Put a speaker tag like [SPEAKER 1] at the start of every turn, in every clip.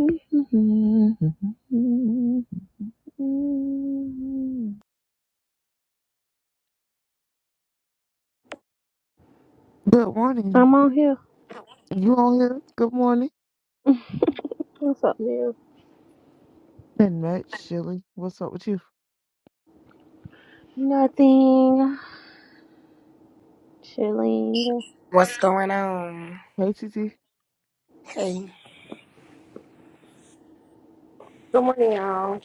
[SPEAKER 1] Mm-hmm. Good morning.
[SPEAKER 2] I'm on here.
[SPEAKER 1] You on here? Good morning.
[SPEAKER 2] What's up, Neil?
[SPEAKER 1] Been much, Shelly. What's up with you?
[SPEAKER 2] Nothing. Chilling.
[SPEAKER 3] What's going on?
[SPEAKER 1] Hey, T T.
[SPEAKER 3] Hey,
[SPEAKER 4] Good morning, y'all.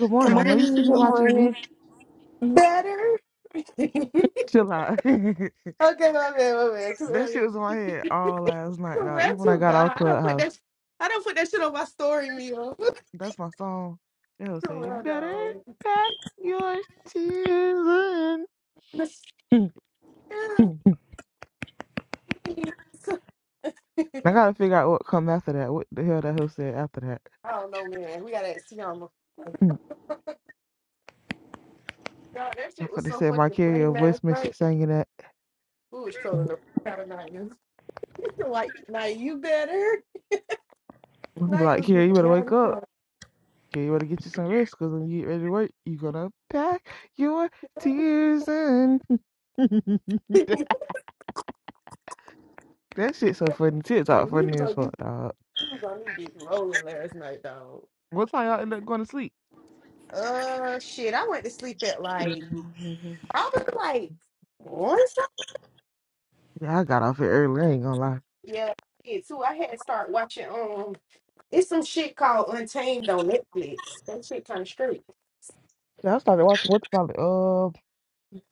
[SPEAKER 1] Good
[SPEAKER 3] good
[SPEAKER 1] morning. I know you see me
[SPEAKER 2] Good
[SPEAKER 3] morning.
[SPEAKER 1] watching
[SPEAKER 2] morning.
[SPEAKER 1] V.
[SPEAKER 4] Better? okay,
[SPEAKER 1] Chill out. that
[SPEAKER 4] my bad, my bad. Too
[SPEAKER 1] shit
[SPEAKER 4] early.
[SPEAKER 1] was in my head all last night, dog.
[SPEAKER 4] Swear
[SPEAKER 1] Even when I
[SPEAKER 4] to
[SPEAKER 1] got out
[SPEAKER 4] God, I don't put
[SPEAKER 1] Clubhouse.
[SPEAKER 4] that. I don't put that shit on my story, meal. What's
[SPEAKER 1] That's my song. It'll
[SPEAKER 4] the
[SPEAKER 1] say,
[SPEAKER 4] real
[SPEAKER 1] better
[SPEAKER 4] though?
[SPEAKER 1] pack your tears in. I
[SPEAKER 4] Michelle, please.
[SPEAKER 1] gotta figure out what come after that. What the hell that hoe said after that.
[SPEAKER 4] I don't know, man. We got to see that Siama. God, that
[SPEAKER 1] I'm
[SPEAKER 4] shit was
[SPEAKER 1] finna
[SPEAKER 4] so
[SPEAKER 1] say
[SPEAKER 4] fucking funny
[SPEAKER 1] Marcaria voice
[SPEAKER 4] last night.
[SPEAKER 1] message singing that.
[SPEAKER 4] Who was trolling the fuck out of Night. like, Night, you better.
[SPEAKER 1] And be
[SPEAKER 4] Night
[SPEAKER 1] like,
[SPEAKER 4] was
[SPEAKER 1] here you
[SPEAKER 4] getting
[SPEAKER 1] better
[SPEAKER 4] mad
[SPEAKER 1] wake
[SPEAKER 4] as
[SPEAKER 1] up. Kira, you better get you some rest, cause when you get ready to work, you gonna pack your
[SPEAKER 4] fuck.
[SPEAKER 1] tears in." that, that shit so funny. TikTok
[SPEAKER 4] we
[SPEAKER 1] funny
[SPEAKER 4] was
[SPEAKER 1] as
[SPEAKER 4] on this,
[SPEAKER 1] fuck, dog.
[SPEAKER 4] we was on this bitch rolling last night, dog.
[SPEAKER 1] What time y'all end up going to sleep?
[SPEAKER 4] Uh, shit, I went to sleep at like probably like one something.
[SPEAKER 1] Yeah, I got off it early. I ain't gonna lie.
[SPEAKER 4] Yeah, yeah, too. I had to start watching. Um, it's some shit called Untamed on Netflix. That shit kind of straight.
[SPEAKER 1] Yeah, I started watching what what's called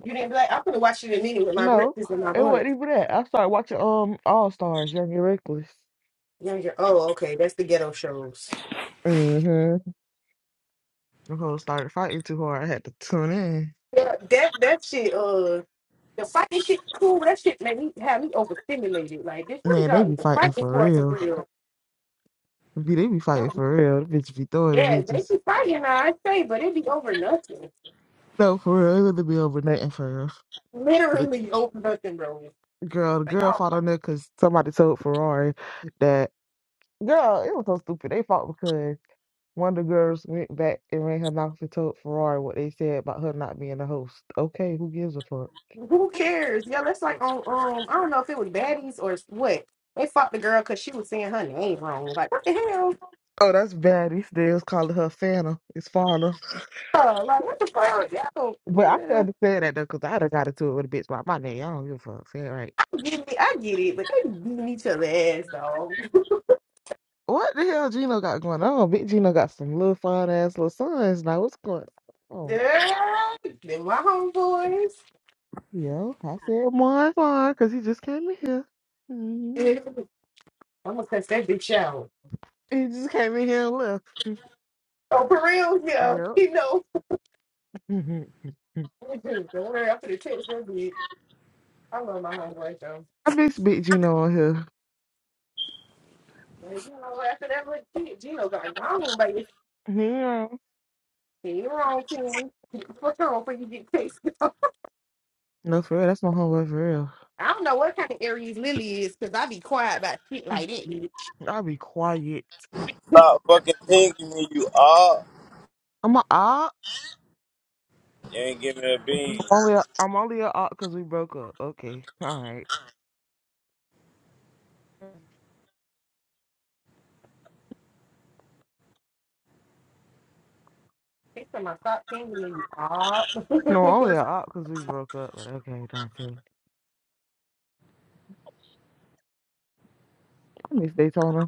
[SPEAKER 4] You didn't be like, I'm gonna watch it in a minute with
[SPEAKER 1] Uh,
[SPEAKER 4] my
[SPEAKER 1] no,
[SPEAKER 4] breakfast and my
[SPEAKER 1] it
[SPEAKER 4] blunt.
[SPEAKER 1] wasn't even that. I started watching um All Stars, Young and Reckless.
[SPEAKER 4] Yeah, yeah. Oh, okay, that's the ghetto shows.
[SPEAKER 1] Mm-hmm. The whole started fighting too hard. I had to tune in.
[SPEAKER 4] Yeah, that that shit. Uh, the fighting shit cool. That shit made me have me overstimulated. Like, this what
[SPEAKER 1] Man, they
[SPEAKER 4] y'all
[SPEAKER 1] be
[SPEAKER 4] even
[SPEAKER 1] fighting
[SPEAKER 4] fighting
[SPEAKER 1] for
[SPEAKER 4] for for
[SPEAKER 1] real.
[SPEAKER 4] real?
[SPEAKER 1] Be- They be fighting
[SPEAKER 4] Yeah,
[SPEAKER 1] for real. The bitch be throwing the
[SPEAKER 4] yeah, they
[SPEAKER 1] bitches.
[SPEAKER 4] be fighting, I say, but it be over nothing.
[SPEAKER 1] No, for real, it would be over nothing for real. The
[SPEAKER 4] Literally over nothing, bro.
[SPEAKER 1] girl, the
[SPEAKER 4] Like
[SPEAKER 1] girl
[SPEAKER 4] y'all,
[SPEAKER 1] fought on there because somebody told Ferrari that girl, it was so stupid. They fought because one of the girls went back and ran her mouth and told Ferrari what they said about her not being a host. Okay, who gives a fuck?
[SPEAKER 4] who cares? Yeah, that's like on um, I don't know if it was baddies or what. They fought the girl because she was saying her name wrong. Like what the hell?
[SPEAKER 1] Oh, that's bad. These days calling her Fanta. It's Fanta.
[SPEAKER 4] Oh, like what the fuck? Y'all,
[SPEAKER 1] But I can
[SPEAKER 4] man,
[SPEAKER 1] understand that though, because I'd have got into it with a bitch about my name. I don't give a fuck. Say it right.
[SPEAKER 4] I get it. I get it, but they beating each other ass though.
[SPEAKER 1] What the hell Gino got going on? Big Gino got some little fine ass little sons now. What's going on?
[SPEAKER 4] Yeah, Them my homeboys.
[SPEAKER 1] Yo, I said Marvin because he just came in here. Mhm.
[SPEAKER 4] Yeah. I'm gonna cuss that bitch out.
[SPEAKER 1] He just came in here and left.
[SPEAKER 4] Oh, for real? Yeah,
[SPEAKER 1] Yep.
[SPEAKER 4] you know.
[SPEAKER 1] Mhm.
[SPEAKER 4] Don't worry, after the text, that bitch. I love my homeboys though.
[SPEAKER 1] I miss Big Gino on here.
[SPEAKER 4] Like, you know, after that, like, Gino got gone, baby.
[SPEAKER 1] Yeah.
[SPEAKER 4] Yeah, you're wrong, Tim. For sure, before you get tasted.
[SPEAKER 1] No, for real. That's my homeboy for real.
[SPEAKER 4] I don't know what kind of Aries Lily is, because I be quiet about shit like that, bitch.
[SPEAKER 1] I'll be quiet.
[SPEAKER 5] Stop fucking pinging me, you all.
[SPEAKER 1] I'm a op.
[SPEAKER 5] You ain't give me a bean.
[SPEAKER 1] I'm only a, I'm only a op because we broke up. Okay. All right.
[SPEAKER 4] Next time I stop tingling, ah.
[SPEAKER 1] No, only a op because we broke up. But okay, Dante. I miss Daytona.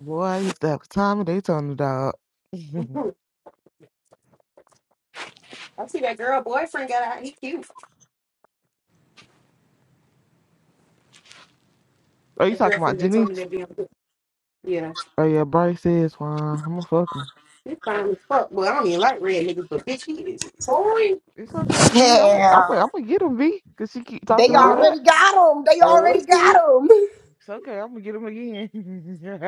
[SPEAKER 1] Boy, I used to have a time in Daytona, dog.
[SPEAKER 4] I see that girl boyfriend got out. He cute.
[SPEAKER 1] Are you
[SPEAKER 4] That girl
[SPEAKER 1] talking about
[SPEAKER 4] from they told me
[SPEAKER 1] Janice?
[SPEAKER 4] that damn. bitch. Yeah,
[SPEAKER 1] Oh, yeah, Bryce says, fine. I'm going to fuck him.
[SPEAKER 4] he's fine as fuck. Well, I don't even like red niggas, but bitch, he is boring.
[SPEAKER 1] It's okay, V. I'm I'm I'm
[SPEAKER 3] Hell,
[SPEAKER 1] gonna get him, V, cause she keep
[SPEAKER 3] they
[SPEAKER 1] talking all
[SPEAKER 4] Oh,
[SPEAKER 3] already
[SPEAKER 1] that.
[SPEAKER 3] got him. They
[SPEAKER 4] oh
[SPEAKER 3] already
[SPEAKER 4] shit,
[SPEAKER 3] got him.
[SPEAKER 1] It's okay. I'm gonna get him again.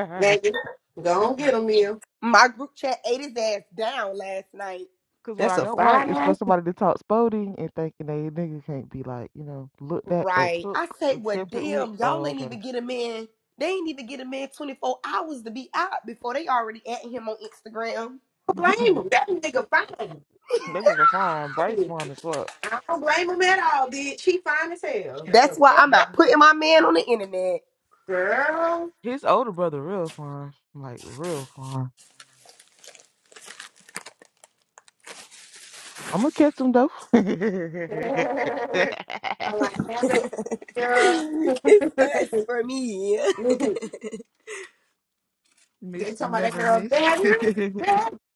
[SPEAKER 4] Megan, go on get him, Mia.
[SPEAKER 3] My group chat ate his ass down last night.
[SPEAKER 1] Cause what
[SPEAKER 4] That's
[SPEAKER 1] I
[SPEAKER 4] a
[SPEAKER 1] don't like
[SPEAKER 4] fine
[SPEAKER 1] is for
[SPEAKER 4] ass.
[SPEAKER 1] somebody to talk spoding and thinking they nigga can't be like you know looked at or
[SPEAKER 3] Right.
[SPEAKER 1] took
[SPEAKER 3] I say,
[SPEAKER 1] or
[SPEAKER 3] well,
[SPEAKER 1] tempered with.
[SPEAKER 3] damn, y'all
[SPEAKER 1] Oh,
[SPEAKER 3] ain't
[SPEAKER 1] okay.
[SPEAKER 3] even get a man. They ain't even get a man 24 hours to be out before they already at him on Instagram.
[SPEAKER 4] Don't blame
[SPEAKER 1] that
[SPEAKER 4] him. That nigga fine.
[SPEAKER 1] nigga fine. Bryce fine as well.
[SPEAKER 4] I don't blame him at all, bitch. She fine as hell.
[SPEAKER 3] That's
[SPEAKER 4] The
[SPEAKER 3] why
[SPEAKER 4] fuck,
[SPEAKER 3] I'm not
[SPEAKER 1] Mhm.
[SPEAKER 3] putting my man on the internet.
[SPEAKER 4] girl?
[SPEAKER 1] His older brother real fine, like real fine. I'm gonna catch him though.
[SPEAKER 4] I like hammer that girl.
[SPEAKER 3] it's us for me.
[SPEAKER 4] they
[SPEAKER 1] miss
[SPEAKER 4] talking about that
[SPEAKER 1] never
[SPEAKER 4] girl
[SPEAKER 1] miss.
[SPEAKER 4] better,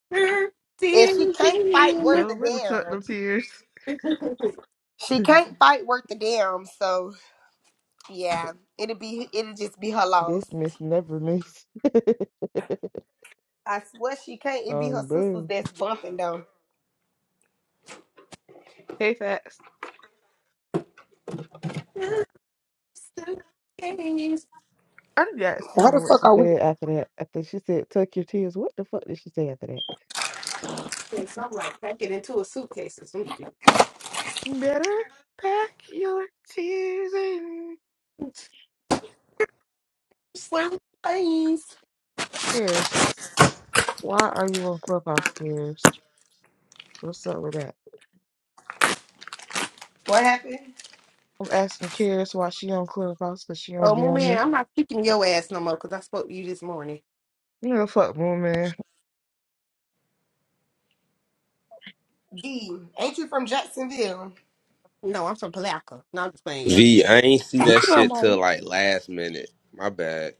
[SPEAKER 4] better,
[SPEAKER 3] and she can't fight
[SPEAKER 1] she
[SPEAKER 3] worth
[SPEAKER 4] thinking.
[SPEAKER 3] a
[SPEAKER 1] sure better tuck them
[SPEAKER 3] damn.
[SPEAKER 1] tears.
[SPEAKER 4] suitcase.
[SPEAKER 3] She can't fight worth the damn, so yeah, it'll be it'll just be her
[SPEAKER 1] This
[SPEAKER 3] loss.
[SPEAKER 1] miss never miss.
[SPEAKER 3] I swear she can't. It be her
[SPEAKER 1] um,
[SPEAKER 3] sisters
[SPEAKER 1] bro.
[SPEAKER 3] that's bumping though.
[SPEAKER 1] Hey, facts. I didn't actually
[SPEAKER 3] Why
[SPEAKER 1] don't
[SPEAKER 3] the
[SPEAKER 1] know what
[SPEAKER 3] fuck
[SPEAKER 1] she
[SPEAKER 3] are we?
[SPEAKER 1] said after that. After she said, "Tuck your tears." What the fuck did she say after that?
[SPEAKER 4] Or Something like pack it into a suitcase or something.
[SPEAKER 1] Better pack your tears in.
[SPEAKER 4] Suitcase.
[SPEAKER 1] Cheers. Why are you on Clubhouse, Cares? What's up with that?
[SPEAKER 3] What happened?
[SPEAKER 1] I'm asking Cares why she on Clubhouse because she
[SPEAKER 4] Oh,
[SPEAKER 1] don't be
[SPEAKER 4] my
[SPEAKER 1] on
[SPEAKER 4] man,
[SPEAKER 1] here.
[SPEAKER 4] I'm not speaking to your ass no more because I spoke to you this morning.
[SPEAKER 1] You know, fuck woman.
[SPEAKER 3] D, ain't you from Jacksonville?
[SPEAKER 4] No, I'm from Palaca. No, I'm just playing, yeah.
[SPEAKER 6] V, I ain't see
[SPEAKER 1] Bitch,
[SPEAKER 6] that
[SPEAKER 1] you know I'm
[SPEAKER 6] shit
[SPEAKER 1] out
[SPEAKER 6] till like last minute. My bad.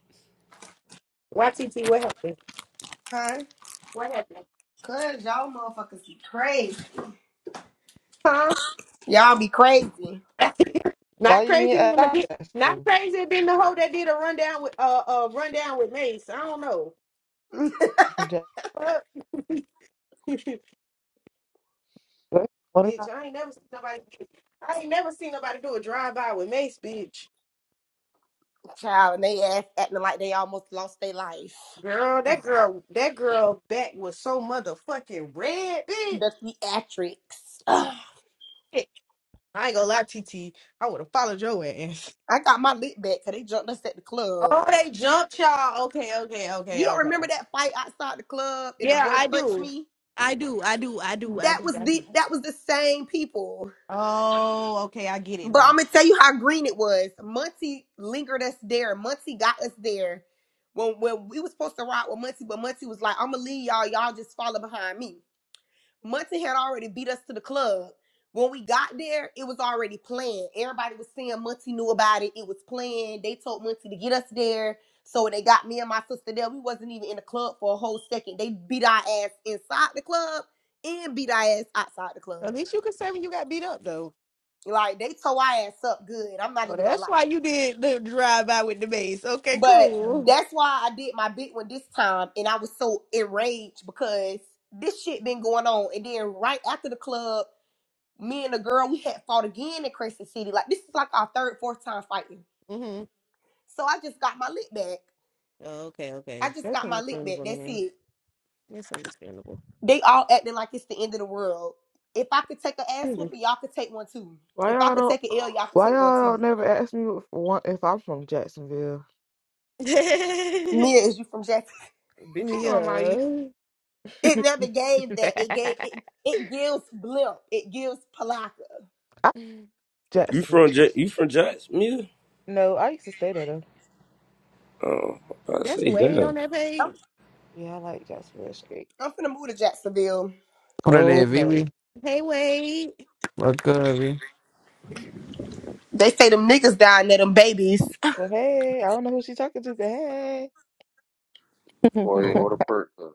[SPEAKER 4] YTT, what happened?
[SPEAKER 3] Huh?
[SPEAKER 4] What happened?
[SPEAKER 3] Cause y'all motherfuckers be crazy.
[SPEAKER 4] Huh?
[SPEAKER 3] Y'all be crazy.
[SPEAKER 1] Why
[SPEAKER 4] not
[SPEAKER 1] you ain't
[SPEAKER 4] crazy than the
[SPEAKER 1] ask
[SPEAKER 4] bit.
[SPEAKER 1] us?
[SPEAKER 4] Not
[SPEAKER 1] to?
[SPEAKER 4] crazy than the hoe that did a rundown with uh uh rundown with Mace. I don't know.
[SPEAKER 1] From Jack-
[SPEAKER 4] Fuck.
[SPEAKER 1] What?
[SPEAKER 4] bitch, I ain't never seen nobody. I ain't never seen nobody do a drive by with Mace, bitch.
[SPEAKER 3] Child, and they ass acting like they almost lost their life.
[SPEAKER 4] Girl,
[SPEAKER 3] Ugh,
[SPEAKER 4] that girl, that girl back was so motherfucking red, bitch.
[SPEAKER 3] The theatrics. Ugh.
[SPEAKER 4] Shit. I ain't gonna lie, TT. I would have followed your ass.
[SPEAKER 3] I got my lip back because they jumped us at the club.
[SPEAKER 4] Oh, they jumped y'all. Okay, okay,
[SPEAKER 3] You
[SPEAKER 4] okay,
[SPEAKER 3] don't
[SPEAKER 4] okay.
[SPEAKER 3] remember that fight outside the club and the
[SPEAKER 4] Yeah,
[SPEAKER 3] boy
[SPEAKER 4] I
[SPEAKER 3] punched
[SPEAKER 4] do.
[SPEAKER 3] me?
[SPEAKER 4] I do. I do. I do. I
[SPEAKER 3] that
[SPEAKER 4] do.
[SPEAKER 3] was
[SPEAKER 4] I
[SPEAKER 3] the
[SPEAKER 4] do.
[SPEAKER 3] that was the same people.
[SPEAKER 4] Oh, okay. I get it
[SPEAKER 3] But
[SPEAKER 4] now.
[SPEAKER 3] I'm gonna tell you how green it was. Muncie lingered us there. Muncie got us there when when we was supposed to ride with Muncie, but Muncie was like, "I'm gonna leave y'all. Y'all just follow behind me." Muncie had already beat us to the club. When we got there, it was already planned. Everybody was saying Muncie knew about it. It was planned. They told Muncie to get us there. So when they got me and my sister there, we wasn't even in the club for a whole second. They beat our ass inside the club and beat our ass outside the
[SPEAKER 4] At
[SPEAKER 3] club.
[SPEAKER 4] least you could say when you got beat up though.
[SPEAKER 3] Like they tore our ass up good. I'm not
[SPEAKER 4] So
[SPEAKER 3] even gonna
[SPEAKER 4] that's why you
[SPEAKER 3] lie.
[SPEAKER 4] did the drive by with the base. Okay,
[SPEAKER 3] But
[SPEAKER 4] cool.
[SPEAKER 3] that's why I did my big one this time, and I was so enraged because this shit been going on. And then right after the club, me and the girl we had fought again in Crescent City. Like this is like our third, fourth time fighting.
[SPEAKER 4] Mm-hmm.
[SPEAKER 3] So I just got my lick back.
[SPEAKER 4] Oh, Okay,
[SPEAKER 3] I
[SPEAKER 4] okay.
[SPEAKER 3] just
[SPEAKER 4] That's
[SPEAKER 3] got my lick back.
[SPEAKER 4] understandable,
[SPEAKER 3] That's
[SPEAKER 4] man.
[SPEAKER 3] it.
[SPEAKER 4] That's understandable.
[SPEAKER 3] They all acting like it's the end of the world. If I could take an ass
[SPEAKER 4] Mhm.
[SPEAKER 3] whooping, y'all could take one too.
[SPEAKER 1] Why
[SPEAKER 3] If I
[SPEAKER 1] y'all
[SPEAKER 3] could
[SPEAKER 1] don't?
[SPEAKER 3] take an L, y'all could
[SPEAKER 1] Why
[SPEAKER 3] take one
[SPEAKER 1] y'all
[SPEAKER 3] too.
[SPEAKER 1] don't never ask me if, one- if I'm from Jacksonville?
[SPEAKER 3] Mia, is you from Jackson?
[SPEAKER 1] Bitch, you know I'm Ice.
[SPEAKER 4] yeah.
[SPEAKER 3] It never gave that. It gave it. It gives blimp. It gives palaka.
[SPEAKER 1] I
[SPEAKER 6] You
[SPEAKER 1] Jackson.
[SPEAKER 6] from J- you from Jacksonville?
[SPEAKER 1] No, I used to stay there though.
[SPEAKER 6] Oh, I was about to
[SPEAKER 4] That's
[SPEAKER 6] say
[SPEAKER 4] Wade
[SPEAKER 6] damn.
[SPEAKER 4] on that
[SPEAKER 3] I'm,
[SPEAKER 4] page.
[SPEAKER 1] Yeah, I like Jacksonville Street.
[SPEAKER 3] I'm finna move to Jacksonville.
[SPEAKER 7] Órale,
[SPEAKER 1] Oh no.
[SPEAKER 7] Vivi.
[SPEAKER 4] Hey Wade.
[SPEAKER 7] What's good, Vivi?
[SPEAKER 3] They say them niggas dying there, them babies.
[SPEAKER 1] Well, hey, I don't know who she's talking to, but hey,
[SPEAKER 8] Boy, what a
[SPEAKER 7] Cool.
[SPEAKER 8] perk. though.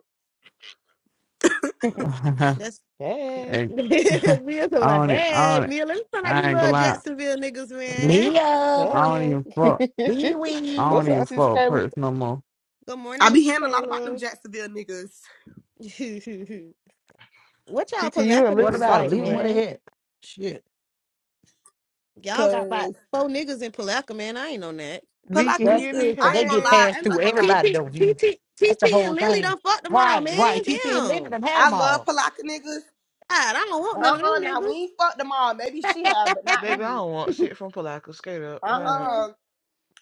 [SPEAKER 4] That's
[SPEAKER 1] hey,
[SPEAKER 7] hey, I
[SPEAKER 4] Mia's like,
[SPEAKER 7] don't, e- I
[SPEAKER 4] hey,
[SPEAKER 7] don't, e,
[SPEAKER 4] Mia, let me find out you
[SPEAKER 7] I ain't gonna
[SPEAKER 4] love
[SPEAKER 7] lie.
[SPEAKER 4] Jacksonville niggas, man.
[SPEAKER 9] Mia,
[SPEAKER 7] I don't
[SPEAKER 1] hey.
[SPEAKER 7] even fuck.
[SPEAKER 9] Wee
[SPEAKER 7] I
[SPEAKER 1] What's
[SPEAKER 7] don't
[SPEAKER 9] Wee.
[SPEAKER 7] even
[SPEAKER 1] up, CC
[SPEAKER 7] fuck a
[SPEAKER 1] Cable?
[SPEAKER 7] person no more.
[SPEAKER 4] Good
[SPEAKER 3] I
[SPEAKER 4] morning, Mr.
[SPEAKER 3] be hearing a lot about them
[SPEAKER 4] Taylor.
[SPEAKER 3] Jacksonville niggas.
[SPEAKER 4] what
[SPEAKER 1] T
[SPEAKER 4] y'all
[SPEAKER 1] T, you
[SPEAKER 4] Palaca
[SPEAKER 1] and
[SPEAKER 9] What
[SPEAKER 1] Lily
[SPEAKER 4] niggas
[SPEAKER 9] about
[SPEAKER 1] talk
[SPEAKER 9] them?
[SPEAKER 4] like,
[SPEAKER 1] too
[SPEAKER 9] Leave them where
[SPEAKER 4] man?
[SPEAKER 1] much.
[SPEAKER 9] they at. Shit.
[SPEAKER 4] Y'all got about
[SPEAKER 3] Cause
[SPEAKER 4] four niggas in Palatka, man. I ain't on that.
[SPEAKER 1] V,
[SPEAKER 3] palaka
[SPEAKER 1] can you
[SPEAKER 9] That's
[SPEAKER 1] hear
[SPEAKER 3] niggas,
[SPEAKER 1] me?
[SPEAKER 9] it. So
[SPEAKER 3] I
[SPEAKER 9] they
[SPEAKER 3] ain't gonna
[SPEAKER 9] get
[SPEAKER 1] Hey,
[SPEAKER 3] lie.
[SPEAKER 9] passed
[SPEAKER 3] I'm
[SPEAKER 9] through
[SPEAKER 3] not gonna lie.
[SPEAKER 9] everybody,
[SPEAKER 4] TT,
[SPEAKER 9] though. You.
[SPEAKER 4] TT,
[SPEAKER 9] That's
[SPEAKER 4] TT,
[SPEAKER 9] the
[SPEAKER 4] and
[SPEAKER 9] whole
[SPEAKER 4] Lily
[SPEAKER 9] thing.
[SPEAKER 4] done fucked them all,
[SPEAKER 9] Right, right.
[SPEAKER 4] man.
[SPEAKER 9] TT and Lennon
[SPEAKER 4] Damn.
[SPEAKER 9] done had them
[SPEAKER 3] I love
[SPEAKER 9] all.
[SPEAKER 3] palaka niggas.
[SPEAKER 4] God, I don't want
[SPEAKER 9] Wait
[SPEAKER 4] none of
[SPEAKER 3] Uh-uh.
[SPEAKER 4] them
[SPEAKER 3] Now we
[SPEAKER 4] niggas.
[SPEAKER 3] ain't fucked them all. Maybe she have, but not
[SPEAKER 1] baby, I
[SPEAKER 3] me.
[SPEAKER 1] don't want shit from Polaco. Skate up, burn up.
[SPEAKER 4] Mm,
[SPEAKER 3] Uh-uh.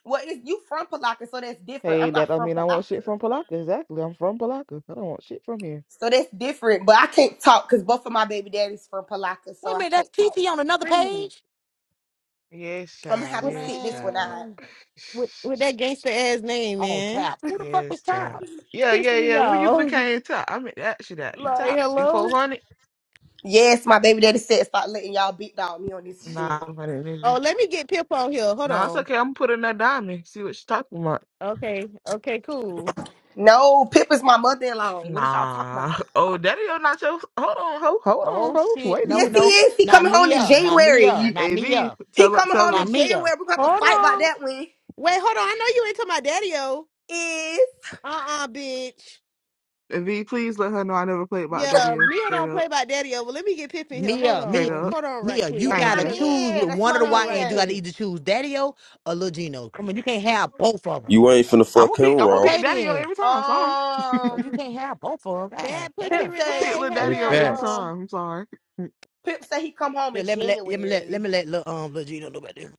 [SPEAKER 3] Well, if you from palaka, so that's different.
[SPEAKER 1] Hey,
[SPEAKER 3] I'm not
[SPEAKER 1] that I
[SPEAKER 3] from
[SPEAKER 1] mean I want shit
[SPEAKER 3] palaka.
[SPEAKER 1] from Palaka. Exactly. I'm from Palaka. I don't want shit from here.
[SPEAKER 3] So that's different, but I can't talk because both of my baby daddies from Palaka, so
[SPEAKER 9] a
[SPEAKER 3] I
[SPEAKER 9] minute,
[SPEAKER 3] can't
[SPEAKER 9] that's
[SPEAKER 3] talk.
[SPEAKER 9] TT on another
[SPEAKER 4] screw
[SPEAKER 9] page?
[SPEAKER 1] Yes,
[SPEAKER 3] I'm gonna
[SPEAKER 1] child.
[SPEAKER 3] have
[SPEAKER 4] With,
[SPEAKER 3] to sit
[SPEAKER 1] Yes,
[SPEAKER 3] this one
[SPEAKER 1] child.
[SPEAKER 3] out.
[SPEAKER 9] Man,
[SPEAKER 4] with, with that gangster ass name,
[SPEAKER 9] on
[SPEAKER 4] man.
[SPEAKER 9] tap. Who the fuck
[SPEAKER 1] Yes,
[SPEAKER 9] is tap?
[SPEAKER 1] child. Yeah,
[SPEAKER 4] Piss
[SPEAKER 1] yeah,
[SPEAKER 4] me
[SPEAKER 1] yeah. When you
[SPEAKER 4] off.
[SPEAKER 1] became top, I mean, actually, that you
[SPEAKER 4] Like,
[SPEAKER 1] top, you four
[SPEAKER 4] hello?
[SPEAKER 1] hundred.
[SPEAKER 3] Yes, my baby daddy said stop letting y'all beat dog me on this shit.
[SPEAKER 1] Nah, four hundred nigga.
[SPEAKER 4] Oh, let me get Pip on here. Hold
[SPEAKER 1] Nah, it's
[SPEAKER 4] on.
[SPEAKER 1] okay. I'm putting that put dime in. See what she talking about.
[SPEAKER 4] Okay, okay, cool.
[SPEAKER 3] No, Pip is my mother-in-law. What did y'all talk about?
[SPEAKER 1] Nah. Oh, daddy, you're not your. Hold on, ho. Hold on,
[SPEAKER 9] Oh,
[SPEAKER 1] ho.
[SPEAKER 9] shit.
[SPEAKER 1] Wait a
[SPEAKER 9] No,
[SPEAKER 3] Yes,
[SPEAKER 1] minute,
[SPEAKER 3] he
[SPEAKER 9] no.
[SPEAKER 3] is.
[SPEAKER 1] bitch.
[SPEAKER 3] He
[SPEAKER 9] Not
[SPEAKER 3] coming home in
[SPEAKER 9] Mia. Not Mia.
[SPEAKER 3] January.
[SPEAKER 9] Not
[SPEAKER 1] Av,
[SPEAKER 9] Mia.
[SPEAKER 3] He
[SPEAKER 1] tell her,
[SPEAKER 3] coming
[SPEAKER 1] tell
[SPEAKER 3] home in
[SPEAKER 9] Not
[SPEAKER 1] her.
[SPEAKER 3] January.
[SPEAKER 9] Mia.
[SPEAKER 3] We're gonna have to
[SPEAKER 4] Hold
[SPEAKER 3] fight about
[SPEAKER 4] on.
[SPEAKER 3] that one.
[SPEAKER 4] Wait, hold on. I know you ain't talking about Daddy O.
[SPEAKER 3] Is
[SPEAKER 4] Uh-uh, bitch.
[SPEAKER 1] Av, please let her know I never played by
[SPEAKER 4] Yeah,
[SPEAKER 1] daddy.
[SPEAKER 4] Mia
[SPEAKER 1] Straight
[SPEAKER 4] don't
[SPEAKER 1] up,
[SPEAKER 4] play by Daddy O. But let me get Pip in here. Hold
[SPEAKER 9] Mia.
[SPEAKER 1] straight
[SPEAKER 9] Mia.
[SPEAKER 4] on.
[SPEAKER 9] Mia.
[SPEAKER 1] up.
[SPEAKER 4] Hold on right
[SPEAKER 9] Mia, you
[SPEAKER 3] that's
[SPEAKER 1] Thank
[SPEAKER 3] my
[SPEAKER 9] gotta
[SPEAKER 1] you.
[SPEAKER 4] quick.
[SPEAKER 9] choose with
[SPEAKER 3] man. That's
[SPEAKER 9] one of
[SPEAKER 3] my
[SPEAKER 4] Hold
[SPEAKER 9] the
[SPEAKER 4] on,
[SPEAKER 9] YNs.
[SPEAKER 4] right
[SPEAKER 9] You gotta
[SPEAKER 3] man.
[SPEAKER 4] quick.
[SPEAKER 9] either choose Daddy O or Lil Gino. Come on, you can't have both of them.
[SPEAKER 6] You ain't finna
[SPEAKER 1] I'm
[SPEAKER 6] fuck
[SPEAKER 1] gonna
[SPEAKER 6] him
[SPEAKER 1] pick. I'm gonna
[SPEAKER 6] raw.
[SPEAKER 1] pick
[SPEAKER 9] Okay
[SPEAKER 1] Daddy O
[SPEAKER 9] then,
[SPEAKER 1] every time. Sorry,
[SPEAKER 9] cause you
[SPEAKER 3] Um
[SPEAKER 9] can't have both of them. God
[SPEAKER 4] Bad pussy
[SPEAKER 3] Pip
[SPEAKER 9] damn,
[SPEAKER 1] I'm gonna
[SPEAKER 3] say
[SPEAKER 1] pick
[SPEAKER 3] Pip
[SPEAKER 4] Renee.
[SPEAKER 1] little
[SPEAKER 3] say
[SPEAKER 4] Hey,
[SPEAKER 3] he
[SPEAKER 7] Hey,
[SPEAKER 1] Daddy O
[SPEAKER 4] girl.
[SPEAKER 3] come
[SPEAKER 1] every
[SPEAKER 7] facts.
[SPEAKER 3] home.
[SPEAKER 1] time. I'm sorry.
[SPEAKER 3] Pip say he come home
[SPEAKER 9] Yeah,
[SPEAKER 3] in
[SPEAKER 9] let me let, let me let let
[SPEAKER 3] January.
[SPEAKER 9] me let little um little Gino know about this.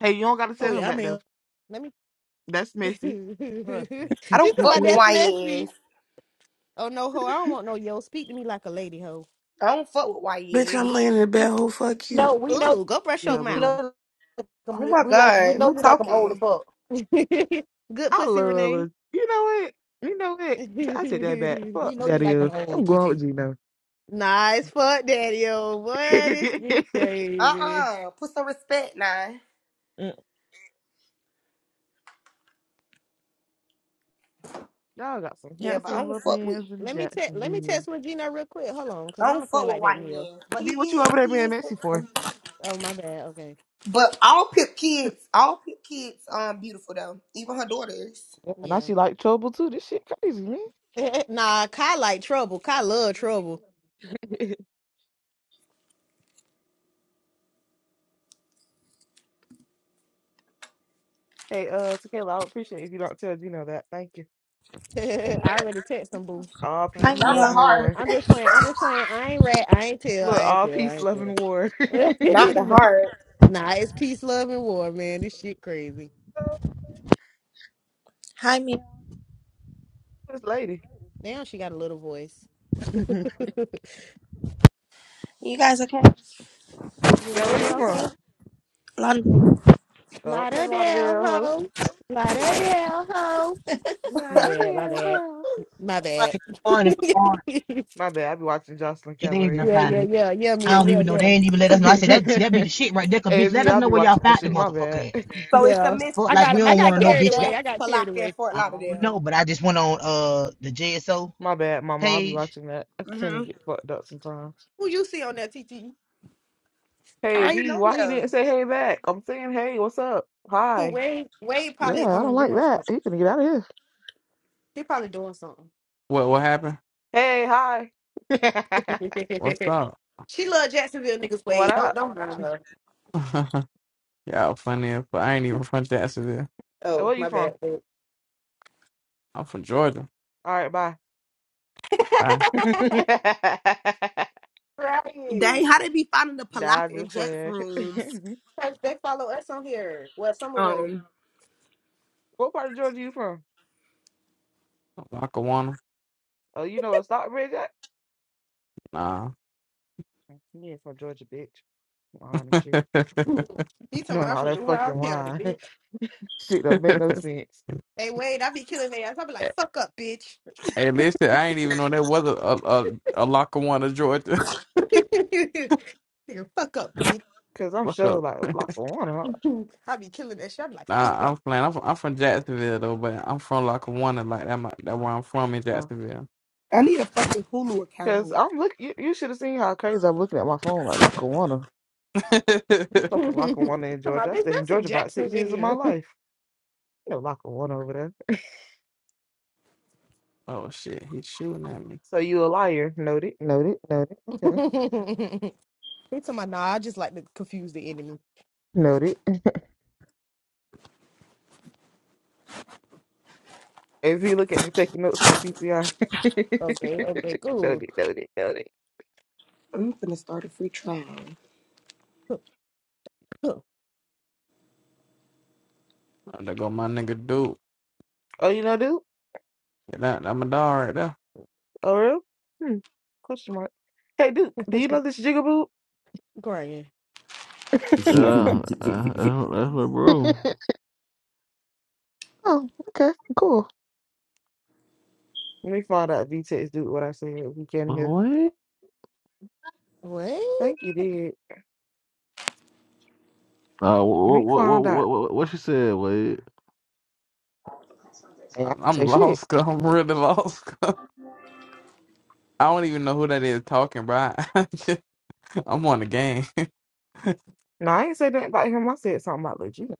[SPEAKER 1] Hey, you don't gotta
[SPEAKER 9] Oh
[SPEAKER 1] tell him
[SPEAKER 9] yeah, I'm
[SPEAKER 1] that though.
[SPEAKER 9] here.
[SPEAKER 4] Mm, Let me.
[SPEAKER 1] That's messy.
[SPEAKER 9] Trust me.
[SPEAKER 3] I
[SPEAKER 4] she
[SPEAKER 1] yeah,
[SPEAKER 3] don't
[SPEAKER 4] said,
[SPEAKER 3] fuck
[SPEAKER 4] like,
[SPEAKER 3] with
[SPEAKER 4] that's
[SPEAKER 3] YNs.
[SPEAKER 4] messy. Oh, no, ho. I don't want no yo. Speak to me like a lady, ho.
[SPEAKER 3] I don't fuck with
[SPEAKER 10] Bitch, I'm
[SPEAKER 3] YNs.
[SPEAKER 10] laying in the
[SPEAKER 9] we
[SPEAKER 10] bed. Who fuck you?
[SPEAKER 9] know we know
[SPEAKER 4] Ooh, go brush
[SPEAKER 9] you
[SPEAKER 4] your mouth.
[SPEAKER 1] boo.
[SPEAKER 9] know
[SPEAKER 3] Oh my
[SPEAKER 9] we like we
[SPEAKER 3] god,
[SPEAKER 9] know
[SPEAKER 3] who
[SPEAKER 9] you like them old
[SPEAKER 3] talking?
[SPEAKER 9] as fuck.
[SPEAKER 4] Good
[SPEAKER 1] I
[SPEAKER 4] pussy,
[SPEAKER 1] love
[SPEAKER 4] Renee.
[SPEAKER 1] little. You know what? You know what? T- I
[SPEAKER 4] nice
[SPEAKER 1] said that back.
[SPEAKER 9] We
[SPEAKER 1] Fuck
[SPEAKER 9] know you
[SPEAKER 1] Daddy
[SPEAKER 9] like them
[SPEAKER 1] O.
[SPEAKER 9] old
[SPEAKER 1] I'm
[SPEAKER 9] T
[SPEAKER 1] going
[SPEAKER 9] T.
[SPEAKER 1] with Gino.
[SPEAKER 4] fuck, daddy. Oh, boy, this shit crazy.
[SPEAKER 3] Uh-uh. Put some respect now.
[SPEAKER 1] Mm. Y'all got some
[SPEAKER 4] Let
[SPEAKER 3] Yeah,
[SPEAKER 4] me
[SPEAKER 3] but
[SPEAKER 4] check.
[SPEAKER 3] I
[SPEAKER 1] handsome
[SPEAKER 3] don't
[SPEAKER 1] little
[SPEAKER 3] fuck with
[SPEAKER 1] mans in
[SPEAKER 4] Let me check. Let me
[SPEAKER 1] Jacksonville.
[SPEAKER 4] text Regina real quick. Hold on, cause
[SPEAKER 3] I
[SPEAKER 4] I
[SPEAKER 3] don't
[SPEAKER 4] don't
[SPEAKER 3] fuck
[SPEAKER 4] play like
[SPEAKER 3] with
[SPEAKER 4] that, Neil.
[SPEAKER 3] YN. But he
[SPEAKER 1] B, what you
[SPEAKER 3] is,
[SPEAKER 1] over
[SPEAKER 3] he
[SPEAKER 1] there being
[SPEAKER 3] is.
[SPEAKER 1] messy for?
[SPEAKER 3] handsome.
[SPEAKER 4] Oh, my bad. Okay,
[SPEAKER 3] But all Pip kids, all Pip kids um beautiful though. Even her daughters.
[SPEAKER 1] Yeah, now
[SPEAKER 4] yeah.
[SPEAKER 1] she like trouble too. This shit crazy, man.
[SPEAKER 4] nah, Kai like trouble. Kai love trouble.
[SPEAKER 1] hey, uh, Tequila, I would appreciate it if you don't tell Gino that. Thank you.
[SPEAKER 4] I already text them, boo.
[SPEAKER 1] All
[SPEAKER 4] I'm
[SPEAKER 11] Hi
[SPEAKER 4] just
[SPEAKER 1] peace,
[SPEAKER 3] Not
[SPEAKER 4] playing.
[SPEAKER 11] Mia.
[SPEAKER 3] the
[SPEAKER 1] love, and
[SPEAKER 3] heart.
[SPEAKER 1] war.
[SPEAKER 4] I'm just playing. I'm just playing. I ain't rat. I ain't tell. I
[SPEAKER 1] Look,
[SPEAKER 4] ain't
[SPEAKER 1] all
[SPEAKER 4] tell.
[SPEAKER 1] peace,
[SPEAKER 4] I
[SPEAKER 1] love, and war.
[SPEAKER 4] ain't
[SPEAKER 3] Not
[SPEAKER 4] tell.
[SPEAKER 3] the heart.
[SPEAKER 4] nah, it's peace, love, and war, man. This
[SPEAKER 1] this
[SPEAKER 4] shit crazy.
[SPEAKER 11] Hi Mia.
[SPEAKER 1] lady.
[SPEAKER 4] Now she got a little voice. you
[SPEAKER 11] You guys okay?
[SPEAKER 1] Yeah,
[SPEAKER 4] are
[SPEAKER 1] where
[SPEAKER 4] you
[SPEAKER 1] you from?
[SPEAKER 4] okay?
[SPEAKER 11] London.
[SPEAKER 1] Okay,
[SPEAKER 4] Lauderdale,
[SPEAKER 1] Lauderdale, ho.
[SPEAKER 4] ho. Lauderdale, ho. My bad. My
[SPEAKER 1] Lauderdale,
[SPEAKER 4] bad.
[SPEAKER 1] ho.
[SPEAKER 4] My bad.
[SPEAKER 9] Good morning, good morning.
[SPEAKER 4] yeah,
[SPEAKER 1] My bad. I be watching Jocelyn
[SPEAKER 9] Shit, They ended
[SPEAKER 1] Cabaret
[SPEAKER 9] up
[SPEAKER 1] and shit.
[SPEAKER 4] yeah,
[SPEAKER 9] finding it.
[SPEAKER 4] yeah, yeah,
[SPEAKER 9] I
[SPEAKER 4] Mia,
[SPEAKER 9] don't
[SPEAKER 4] yeah,
[SPEAKER 9] even know. They
[SPEAKER 4] yeah,
[SPEAKER 9] ain't even let us know. I said that. See, that be the shit right there. Cause bitch,
[SPEAKER 1] AV,
[SPEAKER 9] let us
[SPEAKER 1] I
[SPEAKER 9] know
[SPEAKER 1] be
[SPEAKER 9] where y'all
[SPEAKER 1] watching that
[SPEAKER 9] found the
[SPEAKER 1] shit. My
[SPEAKER 9] motherfucker
[SPEAKER 1] bad.
[SPEAKER 9] at.
[SPEAKER 3] So it's a
[SPEAKER 4] yeah.
[SPEAKER 9] The
[SPEAKER 3] mix
[SPEAKER 9] fuck,
[SPEAKER 4] I
[SPEAKER 9] like
[SPEAKER 3] it's a
[SPEAKER 4] got,
[SPEAKER 9] we
[SPEAKER 4] I
[SPEAKER 9] don't want
[SPEAKER 4] got
[SPEAKER 9] to
[SPEAKER 3] mixture
[SPEAKER 9] know,
[SPEAKER 3] of
[SPEAKER 4] carried
[SPEAKER 9] bitch. That
[SPEAKER 4] away.
[SPEAKER 3] Jax,
[SPEAKER 4] I got carried
[SPEAKER 3] Palaka, and
[SPEAKER 4] away.
[SPEAKER 3] Fort
[SPEAKER 9] I don't
[SPEAKER 3] Lauderdale.
[SPEAKER 9] know, but I just went on uh the JSO
[SPEAKER 1] My bad, mama. I be
[SPEAKER 9] page.
[SPEAKER 1] watching that. I tend
[SPEAKER 3] hmm
[SPEAKER 1] to get fucked up sometimes.
[SPEAKER 4] Who you see on that TT?
[SPEAKER 1] Hey,
[SPEAKER 3] I ain't
[SPEAKER 1] V,
[SPEAKER 3] know
[SPEAKER 1] why he
[SPEAKER 3] them.
[SPEAKER 1] didn't say hey back? I'm saying hey, what's up?
[SPEAKER 4] Who
[SPEAKER 1] Hi.
[SPEAKER 4] Wade? Wade
[SPEAKER 1] Yeah,
[SPEAKER 4] probably
[SPEAKER 1] I don't
[SPEAKER 4] um
[SPEAKER 1] like
[SPEAKER 4] doing
[SPEAKER 1] that.
[SPEAKER 4] something.
[SPEAKER 1] He gonna get out of here.
[SPEAKER 4] She probably doing something.
[SPEAKER 7] What, what happened?
[SPEAKER 1] Hey, hi.
[SPEAKER 7] What's up?
[SPEAKER 4] she love Jacksonville niggas.
[SPEAKER 1] What
[SPEAKER 4] Wade, don't
[SPEAKER 1] up?
[SPEAKER 4] don't blame her.
[SPEAKER 7] Y'all funny, as fuck. I ain't even from Jacksonville.
[SPEAKER 4] Oh
[SPEAKER 1] Where you
[SPEAKER 4] my
[SPEAKER 1] from?
[SPEAKER 4] bad. Wade.
[SPEAKER 7] I'm from Georgia.
[SPEAKER 1] All right, bye.
[SPEAKER 7] Bye.
[SPEAKER 3] Dang,
[SPEAKER 4] right.
[SPEAKER 3] how they be finding the
[SPEAKER 1] nah, I'm
[SPEAKER 3] Palaka and
[SPEAKER 1] just
[SPEAKER 3] Jax
[SPEAKER 1] playing.
[SPEAKER 3] rooms?
[SPEAKER 4] Cause they follow us on here. Well, some of us.
[SPEAKER 3] Um
[SPEAKER 1] what part of Georgia you from?
[SPEAKER 7] Lackawanna.
[SPEAKER 1] Oh, you know what Stockbridge at?
[SPEAKER 7] Nah.
[SPEAKER 1] Mm, You ain't from Georgia, bitch. Lying and
[SPEAKER 7] hey,
[SPEAKER 1] shit.
[SPEAKER 4] he told
[SPEAKER 1] No,
[SPEAKER 4] me I'm
[SPEAKER 1] no,
[SPEAKER 4] from
[SPEAKER 1] that
[SPEAKER 4] Duval
[SPEAKER 1] fucking
[SPEAKER 4] County,
[SPEAKER 1] line.
[SPEAKER 4] bitch.
[SPEAKER 1] shit don't make no sense.
[SPEAKER 4] Hey Wade, I be killing their ass. I be like, fuck up, bitch.
[SPEAKER 7] listen, I ain't even know there was a, a, a, a Lackawanna, Georgia.
[SPEAKER 4] Nigga, fuck up, bitch.
[SPEAKER 1] Cause I'm
[SPEAKER 7] Look up.
[SPEAKER 1] sure like Lackawanna.
[SPEAKER 4] I be killing that shit. I be like, fuck
[SPEAKER 7] Nah,
[SPEAKER 4] up.
[SPEAKER 7] I'm playing. I'm from, I'm from Jacksonville though, but I'm from Lackawanna, like that. My, that where I'm from in
[SPEAKER 1] uh,
[SPEAKER 7] Jacksonville.
[SPEAKER 3] I need a fucking Hulu
[SPEAKER 1] Cause
[SPEAKER 3] account.
[SPEAKER 1] I'm look. You, you should have seen how crazy I'm looking at my phone. Like Lackawanna. What fucking Lackawanna in
[SPEAKER 4] So my
[SPEAKER 1] Georgia? I
[SPEAKER 4] bitch,
[SPEAKER 1] stayed in
[SPEAKER 4] that's in
[SPEAKER 1] Georgia about six years of my
[SPEAKER 4] Jacksonville.
[SPEAKER 1] life. You know Lackawanna over there.
[SPEAKER 7] oh shit, he's shooting at me.
[SPEAKER 1] So you a liar? Noted. Noted. Noted. Okay.
[SPEAKER 4] he told my nah, I just like to confuse the enemy.
[SPEAKER 1] Noted. If you look at me taking notes from my PTR.
[SPEAKER 4] Okay, okay, cool.
[SPEAKER 1] noted, noted, noted.
[SPEAKER 3] I'm gonna start a free trial.
[SPEAKER 7] Oh, there go my nigga dude.
[SPEAKER 1] Oh, you know Duke?
[SPEAKER 7] Yeah, That I'm a dog right there.
[SPEAKER 1] Oh, real? Hmm. Question mark. Hey, Duke, do you know this jigaboo?
[SPEAKER 4] Crying.
[SPEAKER 12] Yeah, uh, uh, that's my bro.
[SPEAKER 1] oh, okay, cool. Let me find out if you text Duke what I said if you
[SPEAKER 12] uh,
[SPEAKER 1] can hear.
[SPEAKER 12] What?
[SPEAKER 4] What?
[SPEAKER 1] Thank you, did.
[SPEAKER 12] Uh,
[SPEAKER 1] Let
[SPEAKER 12] what,
[SPEAKER 1] me
[SPEAKER 12] what, what,
[SPEAKER 1] find out.
[SPEAKER 12] what, what, what you said, Wade?
[SPEAKER 1] Hey, I
[SPEAKER 7] I-
[SPEAKER 1] didn't say
[SPEAKER 7] I'm
[SPEAKER 1] shit.
[SPEAKER 7] lost. Cause I'm really lost. 'cause I am lost because i am really lost. i do not even know who that is talking, bro. I- I'm on the game.
[SPEAKER 1] No, I ain't say nothing about him. I said something about Legit.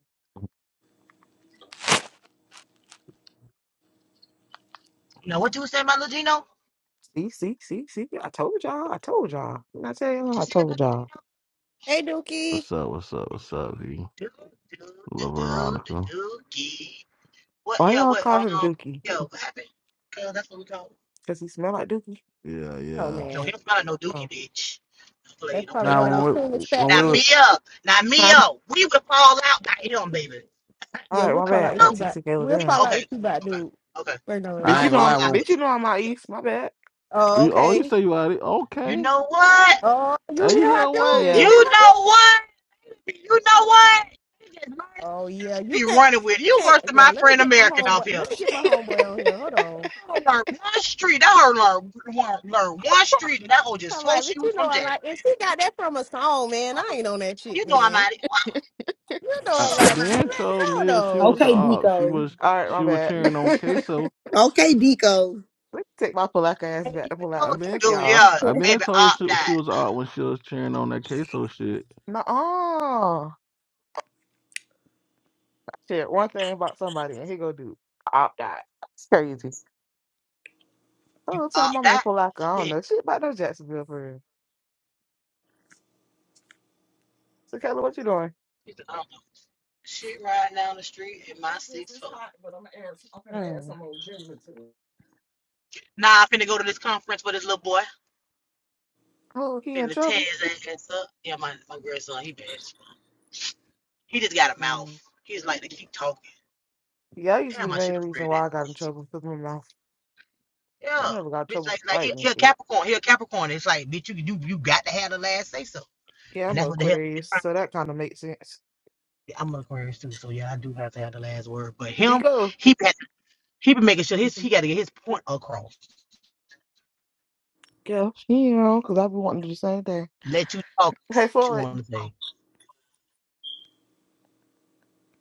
[SPEAKER 9] Now what you was saying, my Lil Gino?
[SPEAKER 1] See, see, see, see. I told y'all. I told y'all. Didn't I tell y'all? I told y'all.
[SPEAKER 4] Hey, Dookie.
[SPEAKER 12] What's up? What's up? What's up, D? Love Veronica.
[SPEAKER 9] What?
[SPEAKER 1] Why
[SPEAKER 9] Yeah.
[SPEAKER 1] y'all
[SPEAKER 9] What?
[SPEAKER 1] call him
[SPEAKER 9] Um.
[SPEAKER 1] Dookie?
[SPEAKER 9] Yo, what happened? Cause that's what we call.
[SPEAKER 1] Because he smell like Dookie?
[SPEAKER 12] Yeah,
[SPEAKER 4] Oh
[SPEAKER 12] yeah.
[SPEAKER 9] Yo,
[SPEAKER 4] man,
[SPEAKER 9] him not no dookie,
[SPEAKER 1] Oh.
[SPEAKER 9] bitch. Don't play.
[SPEAKER 4] that's
[SPEAKER 9] Don't play
[SPEAKER 4] probably
[SPEAKER 9] with
[SPEAKER 7] nah,
[SPEAKER 9] my
[SPEAKER 4] one of the
[SPEAKER 9] dog.
[SPEAKER 7] when we,
[SPEAKER 4] coolest
[SPEAKER 7] when
[SPEAKER 4] fat
[SPEAKER 9] Now
[SPEAKER 7] we
[SPEAKER 4] niggas.
[SPEAKER 7] was,
[SPEAKER 9] Mia. Now
[SPEAKER 1] Huh?
[SPEAKER 9] Mia. We would fall out by him, baby.
[SPEAKER 1] All
[SPEAKER 4] Yeah,
[SPEAKER 1] right,
[SPEAKER 4] we'll
[SPEAKER 1] my
[SPEAKER 9] By
[SPEAKER 4] fall out
[SPEAKER 1] bad.
[SPEAKER 4] with
[SPEAKER 9] him.
[SPEAKER 1] Not
[SPEAKER 4] you about.
[SPEAKER 1] Tisa Gayla
[SPEAKER 4] We'll
[SPEAKER 9] We,
[SPEAKER 1] down.
[SPEAKER 4] fall out
[SPEAKER 9] okay.
[SPEAKER 4] with you about,
[SPEAKER 9] Okay.
[SPEAKER 4] dude.
[SPEAKER 9] Okay.
[SPEAKER 4] We're no.
[SPEAKER 9] I
[SPEAKER 1] Bitch,
[SPEAKER 7] I
[SPEAKER 1] you
[SPEAKER 7] ain't
[SPEAKER 9] would
[SPEAKER 1] know
[SPEAKER 7] gonna
[SPEAKER 9] fall
[SPEAKER 1] I'm.
[SPEAKER 7] lie.
[SPEAKER 9] out
[SPEAKER 7] When,
[SPEAKER 1] Bitch,
[SPEAKER 9] with
[SPEAKER 1] you
[SPEAKER 9] you.
[SPEAKER 1] know I'm
[SPEAKER 9] By
[SPEAKER 1] out
[SPEAKER 9] him.
[SPEAKER 1] east. My bad.
[SPEAKER 4] Oh,
[SPEAKER 12] You, oh, you
[SPEAKER 4] okay.
[SPEAKER 12] say you out it?
[SPEAKER 9] You
[SPEAKER 12] Okay.
[SPEAKER 9] know what?
[SPEAKER 4] Oh, you
[SPEAKER 12] Hey, you
[SPEAKER 4] hear her,
[SPEAKER 12] here,
[SPEAKER 4] dude? You
[SPEAKER 9] You
[SPEAKER 12] Wade?
[SPEAKER 1] Yeah.
[SPEAKER 4] hear her, dude?
[SPEAKER 9] know what? You know what? You just learned to
[SPEAKER 4] Oh yeah, you
[SPEAKER 9] Be
[SPEAKER 4] can't.
[SPEAKER 9] running with
[SPEAKER 4] You
[SPEAKER 9] you
[SPEAKER 4] can't.
[SPEAKER 9] worse than
[SPEAKER 4] Yeah,
[SPEAKER 9] my
[SPEAKER 4] let me
[SPEAKER 9] friend
[SPEAKER 4] get my
[SPEAKER 9] American off
[SPEAKER 4] homeboy.
[SPEAKER 9] here.
[SPEAKER 4] Let me get my homeboy on here. Hold on.
[SPEAKER 9] I learned one street. I heard learn one, learn one street, and that hoe just
[SPEAKER 4] I'm
[SPEAKER 9] swore
[SPEAKER 4] like,
[SPEAKER 9] she
[SPEAKER 4] but you
[SPEAKER 9] was
[SPEAKER 4] know,
[SPEAKER 9] from
[SPEAKER 4] I'm
[SPEAKER 9] Jackson.
[SPEAKER 4] like, and she got that from a song, man. I
[SPEAKER 9] Okay,
[SPEAKER 4] ain't on that shit, man. You know,
[SPEAKER 12] I,
[SPEAKER 4] I'm
[SPEAKER 12] I
[SPEAKER 4] like, you
[SPEAKER 12] been
[SPEAKER 4] let it
[SPEAKER 12] told
[SPEAKER 4] go
[SPEAKER 12] Mia she was
[SPEAKER 4] though.
[SPEAKER 12] a
[SPEAKER 3] Okay,
[SPEAKER 12] op. She
[SPEAKER 3] Deco.
[SPEAKER 12] was
[SPEAKER 1] All right, my
[SPEAKER 12] she was
[SPEAKER 1] bad.
[SPEAKER 12] cheering on
[SPEAKER 1] Let
[SPEAKER 12] queso.
[SPEAKER 3] Okay, Deco.
[SPEAKER 1] me take my Palaka ass
[SPEAKER 9] I didn't
[SPEAKER 1] back to
[SPEAKER 9] even know
[SPEAKER 12] I
[SPEAKER 1] Palaka.
[SPEAKER 9] what the
[SPEAKER 12] been
[SPEAKER 1] Fuck
[SPEAKER 12] told
[SPEAKER 1] y'all.
[SPEAKER 12] I been told that she, she was a op when she was cheering on that queso shit.
[SPEAKER 1] Nuh-uh. Shit, one thing about somebody and he go do opt out. It's crazy. The whole time I'm in Palaka, I don't
[SPEAKER 9] shit.
[SPEAKER 1] know shit about no Jacksonville for real. So, Kayla, what you doing? Mm.
[SPEAKER 9] Nah, but this little boy
[SPEAKER 1] Oh, he in
[SPEAKER 9] finna tear
[SPEAKER 1] trouble?
[SPEAKER 9] his ass up. Yeah, my, my grandson, he bad. as fuck. He just got a mouth.
[SPEAKER 1] Mm.
[SPEAKER 9] He's like to keep talking.
[SPEAKER 1] Yeah, I used to be
[SPEAKER 9] Damn,
[SPEAKER 1] the
[SPEAKER 9] I should
[SPEAKER 1] main
[SPEAKER 9] have
[SPEAKER 1] reason
[SPEAKER 9] read that.
[SPEAKER 1] why I got in trouble because my mouth. I
[SPEAKER 9] Yeah,
[SPEAKER 1] never got in
[SPEAKER 9] bitch,
[SPEAKER 1] trouble for
[SPEAKER 9] like like he,
[SPEAKER 1] fighting
[SPEAKER 9] he
[SPEAKER 1] and
[SPEAKER 9] a
[SPEAKER 1] shit.
[SPEAKER 9] Capricorn. He a Capricorn. It's like bitch, you you you got to have the last say so,
[SPEAKER 1] Yeah,
[SPEAKER 9] and
[SPEAKER 1] I'm
[SPEAKER 9] that's
[SPEAKER 1] an
[SPEAKER 9] what the hell. he's
[SPEAKER 1] Aquarius,
[SPEAKER 9] trying
[SPEAKER 1] so that kind of makes sense.
[SPEAKER 9] to do. I'm an Aquarius too, so yeah, I do have to have the last word. But
[SPEAKER 1] Did he
[SPEAKER 9] him,
[SPEAKER 1] go?
[SPEAKER 9] he been- he been making sure his he got to get his point across.
[SPEAKER 1] Yeah, you know, because I I've been wanting to do the same thing.
[SPEAKER 9] let you talk
[SPEAKER 1] Hey,
[SPEAKER 9] what you
[SPEAKER 1] Floyd.
[SPEAKER 9] want to say.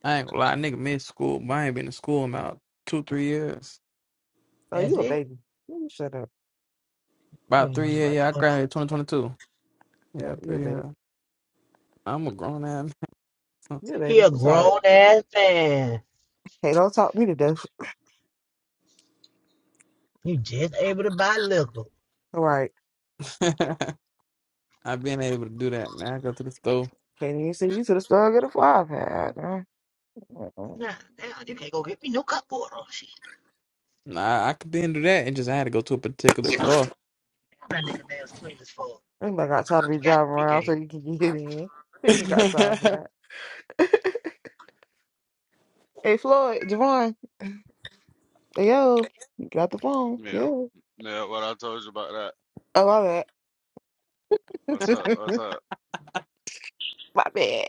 [SPEAKER 7] I ain't gonna lie. Nigga, missed school. But I ain't been in school in about two, three years.
[SPEAKER 1] Oh,
[SPEAKER 9] That's
[SPEAKER 1] you a
[SPEAKER 9] it.
[SPEAKER 1] baby. You shut up.
[SPEAKER 9] You
[SPEAKER 7] About three
[SPEAKER 9] know,
[SPEAKER 7] years.
[SPEAKER 9] but
[SPEAKER 7] Yeah, I
[SPEAKER 9] but twenty.
[SPEAKER 7] graduated 2022.
[SPEAKER 1] Yeah,
[SPEAKER 7] Yeah,
[SPEAKER 1] you
[SPEAKER 7] three
[SPEAKER 1] a baby.
[SPEAKER 7] years. I'm a grown ass.
[SPEAKER 1] You a
[SPEAKER 9] he
[SPEAKER 1] baby.
[SPEAKER 9] a
[SPEAKER 1] It's all right.
[SPEAKER 9] grown ass man.
[SPEAKER 1] Hey, don't talk me to death.
[SPEAKER 9] You just able to buy liquor.
[SPEAKER 1] All right.
[SPEAKER 7] I've been able to do that. Now I go to the store.
[SPEAKER 1] Can't even see you to the store and get a fly pad. huh? Uh-uh.
[SPEAKER 9] Nah, damn, you can't go get me no cupboard. water. Oh, Shit,
[SPEAKER 7] Nah, I could then do that and just I had to go to a particular store.
[SPEAKER 9] damn that nigga nails clean as fuck.
[SPEAKER 1] Anybody got time to be
[SPEAKER 9] He got
[SPEAKER 1] driving
[SPEAKER 9] me
[SPEAKER 1] around so
[SPEAKER 9] gay.
[SPEAKER 1] you can get in? You Ain't got time for that. hey, Floyd, Javon. Yo, you got the phone.
[SPEAKER 13] Yeah,
[SPEAKER 1] Yo.
[SPEAKER 13] yeah. What I told you about that.
[SPEAKER 1] Oh, my
[SPEAKER 13] What's up?
[SPEAKER 1] bad.
[SPEAKER 13] What's up?
[SPEAKER 1] my bad.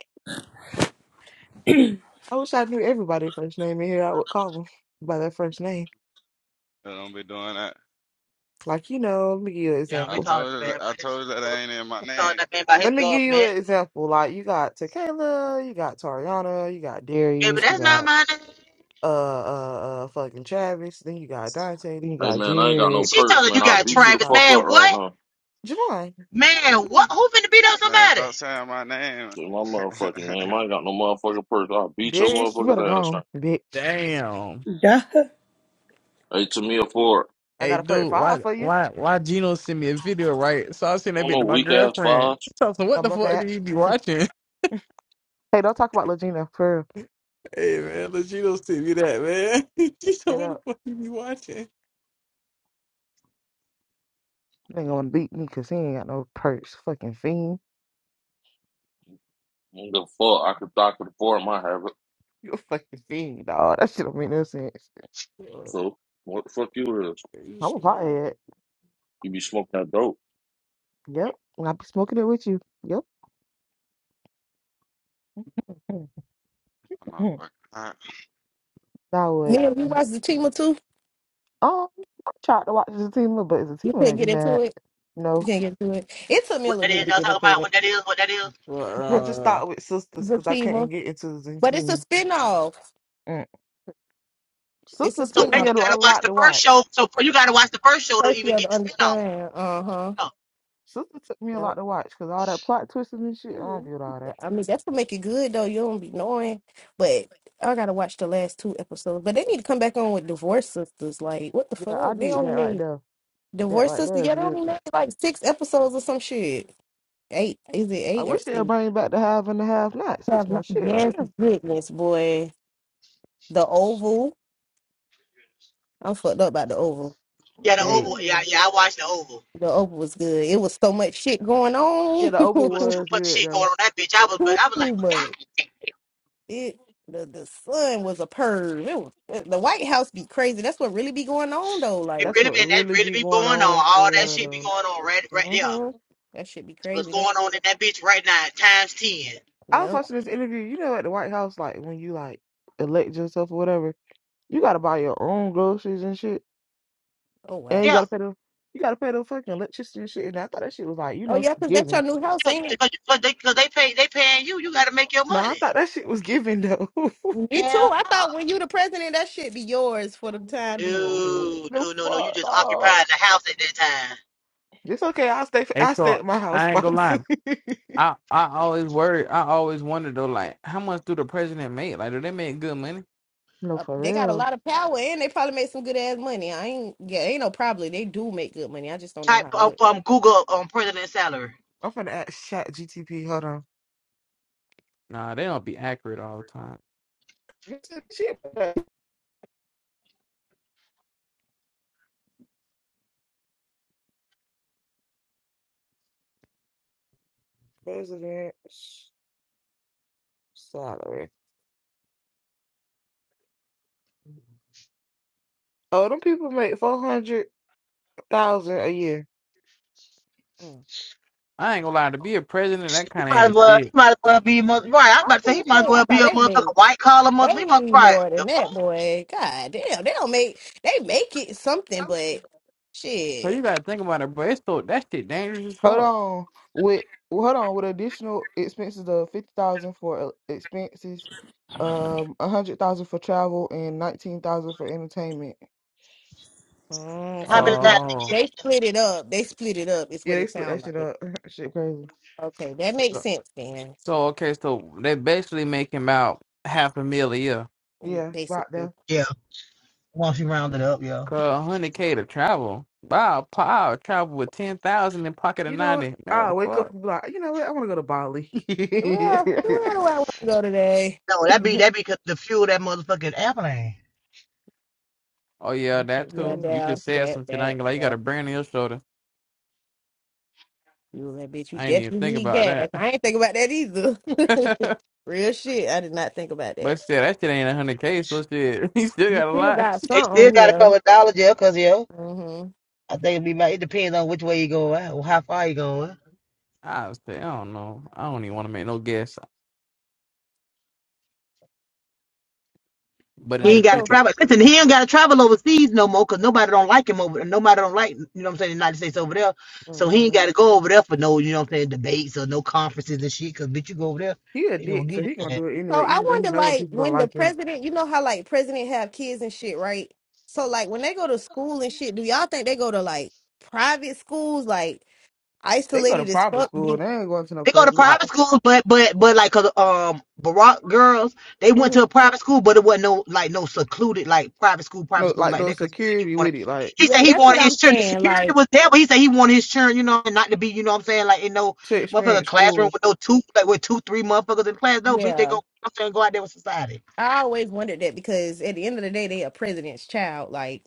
[SPEAKER 1] I wish I knew everybody first name in here. I would call them by their first name.
[SPEAKER 13] I don't be doing that.
[SPEAKER 1] Like, you know, let me give you an
[SPEAKER 9] You know,
[SPEAKER 13] I
[SPEAKER 9] we
[SPEAKER 1] example.
[SPEAKER 9] called
[SPEAKER 13] told you.
[SPEAKER 9] bad
[SPEAKER 13] That,
[SPEAKER 9] man by
[SPEAKER 13] I
[SPEAKER 9] his
[SPEAKER 13] told you that I
[SPEAKER 9] gov-
[SPEAKER 13] ain't in my
[SPEAKER 9] called
[SPEAKER 13] name.
[SPEAKER 9] that man by his
[SPEAKER 1] Let me give you
[SPEAKER 9] government.
[SPEAKER 1] an example. Like, you got Tequila, you got Tariana, you got
[SPEAKER 9] Yeah, but
[SPEAKER 1] Darius, you
[SPEAKER 9] that's not
[SPEAKER 1] got
[SPEAKER 9] my name.
[SPEAKER 1] uh uh uh fucking Travis, then you got Dante, then you
[SPEAKER 8] Hey
[SPEAKER 1] got
[SPEAKER 8] man, I ain't got no
[SPEAKER 1] Jared,
[SPEAKER 9] She
[SPEAKER 8] perks,
[SPEAKER 9] told her you
[SPEAKER 8] man. I'll
[SPEAKER 9] got
[SPEAKER 1] and then
[SPEAKER 8] beat you
[SPEAKER 1] you
[SPEAKER 8] the
[SPEAKER 9] Travis.
[SPEAKER 1] got
[SPEAKER 8] fuck
[SPEAKER 9] Man,
[SPEAKER 8] up right
[SPEAKER 9] what?
[SPEAKER 8] now.
[SPEAKER 1] Javon.
[SPEAKER 9] Man,
[SPEAKER 1] Come
[SPEAKER 9] what? Who finna beat up
[SPEAKER 13] Man,
[SPEAKER 9] somebody?
[SPEAKER 13] stop saying my name.
[SPEAKER 8] Shit, my motherfucking name. I
[SPEAKER 13] I'm
[SPEAKER 8] ain't got no motherfucking perks. I'll beat your
[SPEAKER 1] Darius, you better go
[SPEAKER 8] motherfucking ass right.
[SPEAKER 1] home, bitch.
[SPEAKER 7] Damn.
[SPEAKER 3] Duh.
[SPEAKER 8] now. Hey, Tamia Ford.
[SPEAKER 1] I
[SPEAKER 7] Hey
[SPEAKER 1] got a perfect
[SPEAKER 7] dude,
[SPEAKER 1] five
[SPEAKER 7] why
[SPEAKER 1] for you.
[SPEAKER 7] why why Gino sent me a video, right? So I sent
[SPEAKER 8] I
[SPEAKER 7] that
[SPEAKER 8] don't
[SPEAKER 7] bit
[SPEAKER 8] know,
[SPEAKER 7] to my
[SPEAKER 8] weak ass
[SPEAKER 7] girlfriend.
[SPEAKER 8] five.
[SPEAKER 7] So I said, what
[SPEAKER 1] Oh
[SPEAKER 7] the
[SPEAKER 1] my
[SPEAKER 7] fuck
[SPEAKER 1] bad.
[SPEAKER 7] did you be watching?
[SPEAKER 1] Hey, don't talk about Legina for real.
[SPEAKER 7] Hey man, let Gino send me that, man. Gino,
[SPEAKER 1] straight
[SPEAKER 7] what the
[SPEAKER 1] up.
[SPEAKER 7] fuck you be watching?
[SPEAKER 1] You ain't gonna beat me because he ain't got no perks. Fucking fiend.
[SPEAKER 8] I don't give a fuck. I could dock it for my habit.
[SPEAKER 1] You a fucking fiend, dog. That shit don't make no sense.
[SPEAKER 7] Well,
[SPEAKER 8] So, what the fuck you is?
[SPEAKER 7] you
[SPEAKER 1] I'm a
[SPEAKER 7] should know.
[SPEAKER 1] pothead.
[SPEAKER 8] You be smoking that dope.
[SPEAKER 1] Yep. And I be smoking it with you. Yep. Mm,
[SPEAKER 13] not
[SPEAKER 1] mm.
[SPEAKER 13] fucking.
[SPEAKER 1] that would
[SPEAKER 4] Man, we watched the Chima too.
[SPEAKER 1] um I tried to watch Zatima, but
[SPEAKER 4] You
[SPEAKER 1] Zatima
[SPEAKER 4] couldn't
[SPEAKER 1] make
[SPEAKER 4] get
[SPEAKER 1] me
[SPEAKER 4] into
[SPEAKER 1] mad.
[SPEAKER 4] it. You
[SPEAKER 1] No,
[SPEAKER 4] can't get into it. It took me a
[SPEAKER 9] What
[SPEAKER 4] little
[SPEAKER 9] that
[SPEAKER 4] minute
[SPEAKER 9] is?
[SPEAKER 4] to
[SPEAKER 9] Y'all
[SPEAKER 4] get
[SPEAKER 9] talking about
[SPEAKER 4] into it.
[SPEAKER 9] what that is? What that is?
[SPEAKER 1] I
[SPEAKER 4] The,
[SPEAKER 1] just
[SPEAKER 7] Well, uh,
[SPEAKER 1] started with Sisters
[SPEAKER 4] the
[SPEAKER 1] because I couldn't
[SPEAKER 4] Chima.
[SPEAKER 1] get into
[SPEAKER 4] But it's a
[SPEAKER 1] Zatima.
[SPEAKER 4] spinoff.
[SPEAKER 1] Mm.
[SPEAKER 4] It's a
[SPEAKER 1] Sisters
[SPEAKER 9] So
[SPEAKER 1] took me
[SPEAKER 4] spinoff.
[SPEAKER 1] a
[SPEAKER 9] basically, you
[SPEAKER 1] lo- a
[SPEAKER 9] gotta watch
[SPEAKER 1] lot
[SPEAKER 9] the
[SPEAKER 1] to
[SPEAKER 9] first
[SPEAKER 1] watch.
[SPEAKER 9] show. So you gotta watch the first show to
[SPEAKER 4] First you
[SPEAKER 9] even
[SPEAKER 4] have
[SPEAKER 9] get
[SPEAKER 4] to
[SPEAKER 9] the spin off.
[SPEAKER 4] understand. Uh-huh.
[SPEAKER 9] No.
[SPEAKER 1] Sisters took me a lot
[SPEAKER 4] Yep.
[SPEAKER 1] to watch because all that plot twists and shit. I don't do all that.
[SPEAKER 4] I mean that's what make it good though. You don't be knowing. But I gotta watch the last two episodes. But they need to come back on with divorce sisters. Like, what the
[SPEAKER 1] Yeah, I
[SPEAKER 4] fuck? They
[SPEAKER 1] need that
[SPEAKER 4] only
[SPEAKER 1] right
[SPEAKER 4] made
[SPEAKER 1] there. That
[SPEAKER 4] divorce
[SPEAKER 1] right
[SPEAKER 4] sisters.
[SPEAKER 1] there is
[SPEAKER 4] Yeah, they
[SPEAKER 1] good.
[SPEAKER 4] only made like six episodes or some shit. Eight. Is it
[SPEAKER 1] I
[SPEAKER 4] eight or
[SPEAKER 1] wish they'd
[SPEAKER 4] six?
[SPEAKER 1] bring back the half and the half nots. That's
[SPEAKER 4] Have
[SPEAKER 1] my
[SPEAKER 4] not
[SPEAKER 1] shit right
[SPEAKER 4] yes
[SPEAKER 1] there.
[SPEAKER 4] goodness, boy. The Oval. I'm fucked up about the Oval.
[SPEAKER 9] Yeah, the
[SPEAKER 1] Hell
[SPEAKER 7] hey,
[SPEAKER 9] Oval. Yeah,
[SPEAKER 1] yeah.
[SPEAKER 9] yeah, I watched the Oval.
[SPEAKER 4] The Oval was good. It was so much shit going
[SPEAKER 1] Yeah,
[SPEAKER 4] on.
[SPEAKER 1] the
[SPEAKER 9] It
[SPEAKER 1] oval
[SPEAKER 9] was too
[SPEAKER 1] was
[SPEAKER 9] much
[SPEAKER 1] good
[SPEAKER 9] shit going
[SPEAKER 1] though.
[SPEAKER 9] on that bitch. I was, but
[SPEAKER 4] Too
[SPEAKER 9] I was like, but God,
[SPEAKER 4] much. It the the sun was a perv. It was the White House be crazy. That's what really be going on though.
[SPEAKER 9] it
[SPEAKER 4] Like
[SPEAKER 1] That's
[SPEAKER 9] really
[SPEAKER 1] what
[SPEAKER 9] been that
[SPEAKER 1] really
[SPEAKER 9] really
[SPEAKER 1] be
[SPEAKER 9] be
[SPEAKER 1] going
[SPEAKER 9] going on.
[SPEAKER 1] on for
[SPEAKER 9] All that
[SPEAKER 4] that's
[SPEAKER 1] real
[SPEAKER 9] shit be
[SPEAKER 1] though.
[SPEAKER 9] going on right, right there.
[SPEAKER 4] hmm that should be
[SPEAKER 9] What's
[SPEAKER 4] crazy. That,
[SPEAKER 9] going on in that bitch right now? Times ten.
[SPEAKER 1] I was
[SPEAKER 4] yep.
[SPEAKER 1] watching this interview, you know, at the White House, like when you like elect yourself or whatever, you gotta buy your own groceries and shit.
[SPEAKER 4] Oh
[SPEAKER 1] And you
[SPEAKER 9] Yeah,
[SPEAKER 4] wow.
[SPEAKER 1] gotta pay the you gotta pay the fucking electricity and shit. And I thought that shit was like, you
[SPEAKER 4] Oh
[SPEAKER 1] know,
[SPEAKER 4] yeah, cause that's
[SPEAKER 1] giving.
[SPEAKER 4] your new house,
[SPEAKER 9] yeah,
[SPEAKER 4] ain't it?
[SPEAKER 9] because they, cause they pay, they paying you. You got to make your
[SPEAKER 1] No, I
[SPEAKER 9] money.
[SPEAKER 1] thought that shit was giving though.
[SPEAKER 4] Me too.
[SPEAKER 9] Hell
[SPEAKER 4] I
[SPEAKER 9] no.
[SPEAKER 4] thought when you the president, that shit be yours for the time being. dude.
[SPEAKER 9] No,
[SPEAKER 1] No
[SPEAKER 9] no, no, no. You
[SPEAKER 1] fuck
[SPEAKER 9] just
[SPEAKER 1] dog.
[SPEAKER 9] occupied the house at that time.
[SPEAKER 1] It's okay, I'll stay
[SPEAKER 7] hey,
[SPEAKER 1] I stay
[SPEAKER 7] so
[SPEAKER 1] at my house
[SPEAKER 7] I ain't gonna
[SPEAKER 1] spots.
[SPEAKER 7] lie. I I always worry. I always wonder though, like how much do the president make? Like, do they make good money?
[SPEAKER 1] no,
[SPEAKER 4] Uh,
[SPEAKER 1] for
[SPEAKER 4] they got a
[SPEAKER 1] real.
[SPEAKER 4] lot of power and they probably make some good ass money. I ain't yeah, ain't no probably. They do make good money. I just don't know
[SPEAKER 9] Type
[SPEAKER 4] how much.
[SPEAKER 9] up um Google um president salary.
[SPEAKER 1] I'm finna ask chat GTP, hold on.
[SPEAKER 7] Nah, they don't be accurate all the time.
[SPEAKER 1] Shit, president. salary. Oh, them people make four hundred thousand a year.
[SPEAKER 4] Mm.
[SPEAKER 7] I ain't gonna lie. To be a president, that
[SPEAKER 9] He
[SPEAKER 7] kind of
[SPEAKER 9] might as
[SPEAKER 7] ain't
[SPEAKER 9] well he
[SPEAKER 7] shit.
[SPEAKER 9] might as well be mother right. I was
[SPEAKER 4] I
[SPEAKER 9] about
[SPEAKER 4] was
[SPEAKER 9] to say he
[SPEAKER 4] gonna
[SPEAKER 9] might as
[SPEAKER 4] say, I
[SPEAKER 9] well be
[SPEAKER 4] thought
[SPEAKER 9] a
[SPEAKER 4] they made
[SPEAKER 9] motherfucking white collar motherfucker. He must
[SPEAKER 4] way
[SPEAKER 9] right.
[SPEAKER 4] more
[SPEAKER 9] The
[SPEAKER 4] than
[SPEAKER 9] fuck?
[SPEAKER 4] that, boy. God damn, they don't make they make it something, but
[SPEAKER 7] Cause you
[SPEAKER 4] shit.
[SPEAKER 7] gotta think about it, bro. It's so that shit dangerous as
[SPEAKER 1] Hold
[SPEAKER 7] fuck.
[SPEAKER 1] on, with well, hold on with additional expenses of fifty thousand for uh, expenses, um, a hundred thousand for travel and nineteen thousand for entertainment.
[SPEAKER 4] Mm, so
[SPEAKER 9] How
[SPEAKER 4] they
[SPEAKER 9] many
[SPEAKER 4] just
[SPEAKER 9] times did
[SPEAKER 7] Oh,
[SPEAKER 9] you
[SPEAKER 4] they
[SPEAKER 9] get that?
[SPEAKER 4] split it up. They split it up. Is
[SPEAKER 1] Yeah,
[SPEAKER 4] what
[SPEAKER 1] they
[SPEAKER 4] it
[SPEAKER 1] split that
[SPEAKER 4] sounds
[SPEAKER 1] shit
[SPEAKER 4] like.
[SPEAKER 1] up. shit crazy.
[SPEAKER 4] Okay, that makes
[SPEAKER 7] so,
[SPEAKER 4] sense then.
[SPEAKER 7] so okay, so they basically making about half a mil a year.
[SPEAKER 4] mm,
[SPEAKER 1] Yeah, right
[SPEAKER 4] Basically,
[SPEAKER 1] there.
[SPEAKER 9] Yeah. Once you round it up, yeah.
[SPEAKER 7] Cause hundred k to travel. Wow, pow, travel with ten thousand in pocket of
[SPEAKER 1] You know what?
[SPEAKER 7] ninety. Man, what
[SPEAKER 1] I
[SPEAKER 7] the
[SPEAKER 1] wake up
[SPEAKER 7] fuck?
[SPEAKER 1] and be like, you know what? I want to go to Bali.
[SPEAKER 4] where where do I want to go today?
[SPEAKER 9] No, that be that be cause the fuel that motherfucking airplane.
[SPEAKER 7] Oh yeah,
[SPEAKER 1] That's
[SPEAKER 7] that
[SPEAKER 1] shit
[SPEAKER 4] yeah,
[SPEAKER 7] too. You
[SPEAKER 1] crazy.
[SPEAKER 4] down
[SPEAKER 7] just said
[SPEAKER 4] that
[SPEAKER 7] some shit. I
[SPEAKER 4] that
[SPEAKER 7] ain't gonna lie. You
[SPEAKER 4] yeah.
[SPEAKER 7] got a brand on your shoulder.
[SPEAKER 4] You that bitch. You
[SPEAKER 7] I ain't even
[SPEAKER 4] definitely
[SPEAKER 7] think
[SPEAKER 4] need
[SPEAKER 7] about
[SPEAKER 4] gas.
[SPEAKER 7] that.
[SPEAKER 4] I ain't think about that either.
[SPEAKER 7] but
[SPEAKER 4] Real shit. I did not think about that.
[SPEAKER 7] shit, that shit ain't a hundred K, so shit, he still
[SPEAKER 4] You
[SPEAKER 7] got a
[SPEAKER 4] still
[SPEAKER 7] lot.
[SPEAKER 4] got
[SPEAKER 9] They still
[SPEAKER 4] something,
[SPEAKER 9] gotta
[SPEAKER 4] yeah.
[SPEAKER 9] cover dollar jail, cause yeah.
[SPEAKER 4] Mm-hmm.
[SPEAKER 9] I think it be my, it depends on which way you go out, or how far you going.
[SPEAKER 7] I was say, I don't know. I don't even want to make no guess. But in
[SPEAKER 9] He
[SPEAKER 4] Like
[SPEAKER 9] ain't
[SPEAKER 7] the
[SPEAKER 9] got to
[SPEAKER 4] so
[SPEAKER 7] future,
[SPEAKER 9] travel. Listen, he ain't got to travel overseas no more because nobody don't like him over. Nobody don't like you know what I'm saying. The United States over there, so he ain't
[SPEAKER 4] Mhm.
[SPEAKER 9] got to go over there for no you know what I'm saying debates or no conferences and shit. Because bitch, you go over there,
[SPEAKER 1] He a
[SPEAKER 9] they gonna
[SPEAKER 1] dick, so
[SPEAKER 9] get
[SPEAKER 1] he gonna
[SPEAKER 9] it.
[SPEAKER 1] do it
[SPEAKER 4] so
[SPEAKER 1] anyway,
[SPEAKER 4] I
[SPEAKER 1] even though he
[SPEAKER 4] wonder
[SPEAKER 1] know them
[SPEAKER 4] like
[SPEAKER 1] people don't
[SPEAKER 4] when the
[SPEAKER 1] like him.
[SPEAKER 4] president, you know how like president have kids and shit, right? So like when they go to school and shit, do y'all think they go to like private schools like
[SPEAKER 1] They go to
[SPEAKER 4] isolated as
[SPEAKER 1] private
[SPEAKER 7] I,
[SPEAKER 4] fuck?
[SPEAKER 1] school.
[SPEAKER 4] Be-
[SPEAKER 1] They ain't going to no
[SPEAKER 9] They go to
[SPEAKER 1] public.
[SPEAKER 7] I
[SPEAKER 9] private schools, but but but like 'cause, um Barack girls, they went to
[SPEAKER 4] Mhm.
[SPEAKER 9] a private school, but it wasn't no like no secluded like private school, private
[SPEAKER 1] No,
[SPEAKER 9] school
[SPEAKER 1] like
[SPEAKER 9] like
[SPEAKER 1] no
[SPEAKER 9] that. Cause he said he
[SPEAKER 1] security
[SPEAKER 9] wanted,
[SPEAKER 1] with it. Like
[SPEAKER 9] he
[SPEAKER 4] Yeah,
[SPEAKER 9] said he
[SPEAKER 4] that's what
[SPEAKER 9] wanted his
[SPEAKER 4] I'm
[SPEAKER 9] children. The
[SPEAKER 4] saying.
[SPEAKER 9] security
[SPEAKER 4] Like,
[SPEAKER 9] was there, but he said he wanted his children, you know, not to be, you know, what I'm saying like in no
[SPEAKER 1] to
[SPEAKER 9] motherfucker
[SPEAKER 1] experience
[SPEAKER 9] classroom
[SPEAKER 1] school.
[SPEAKER 9] with no two like with two three motherfuckers in class. No bitch, they
[SPEAKER 4] yeah.
[SPEAKER 9] go, I'm saying go out there with society.
[SPEAKER 4] I always wondered that because at the end of the day they a president's child, like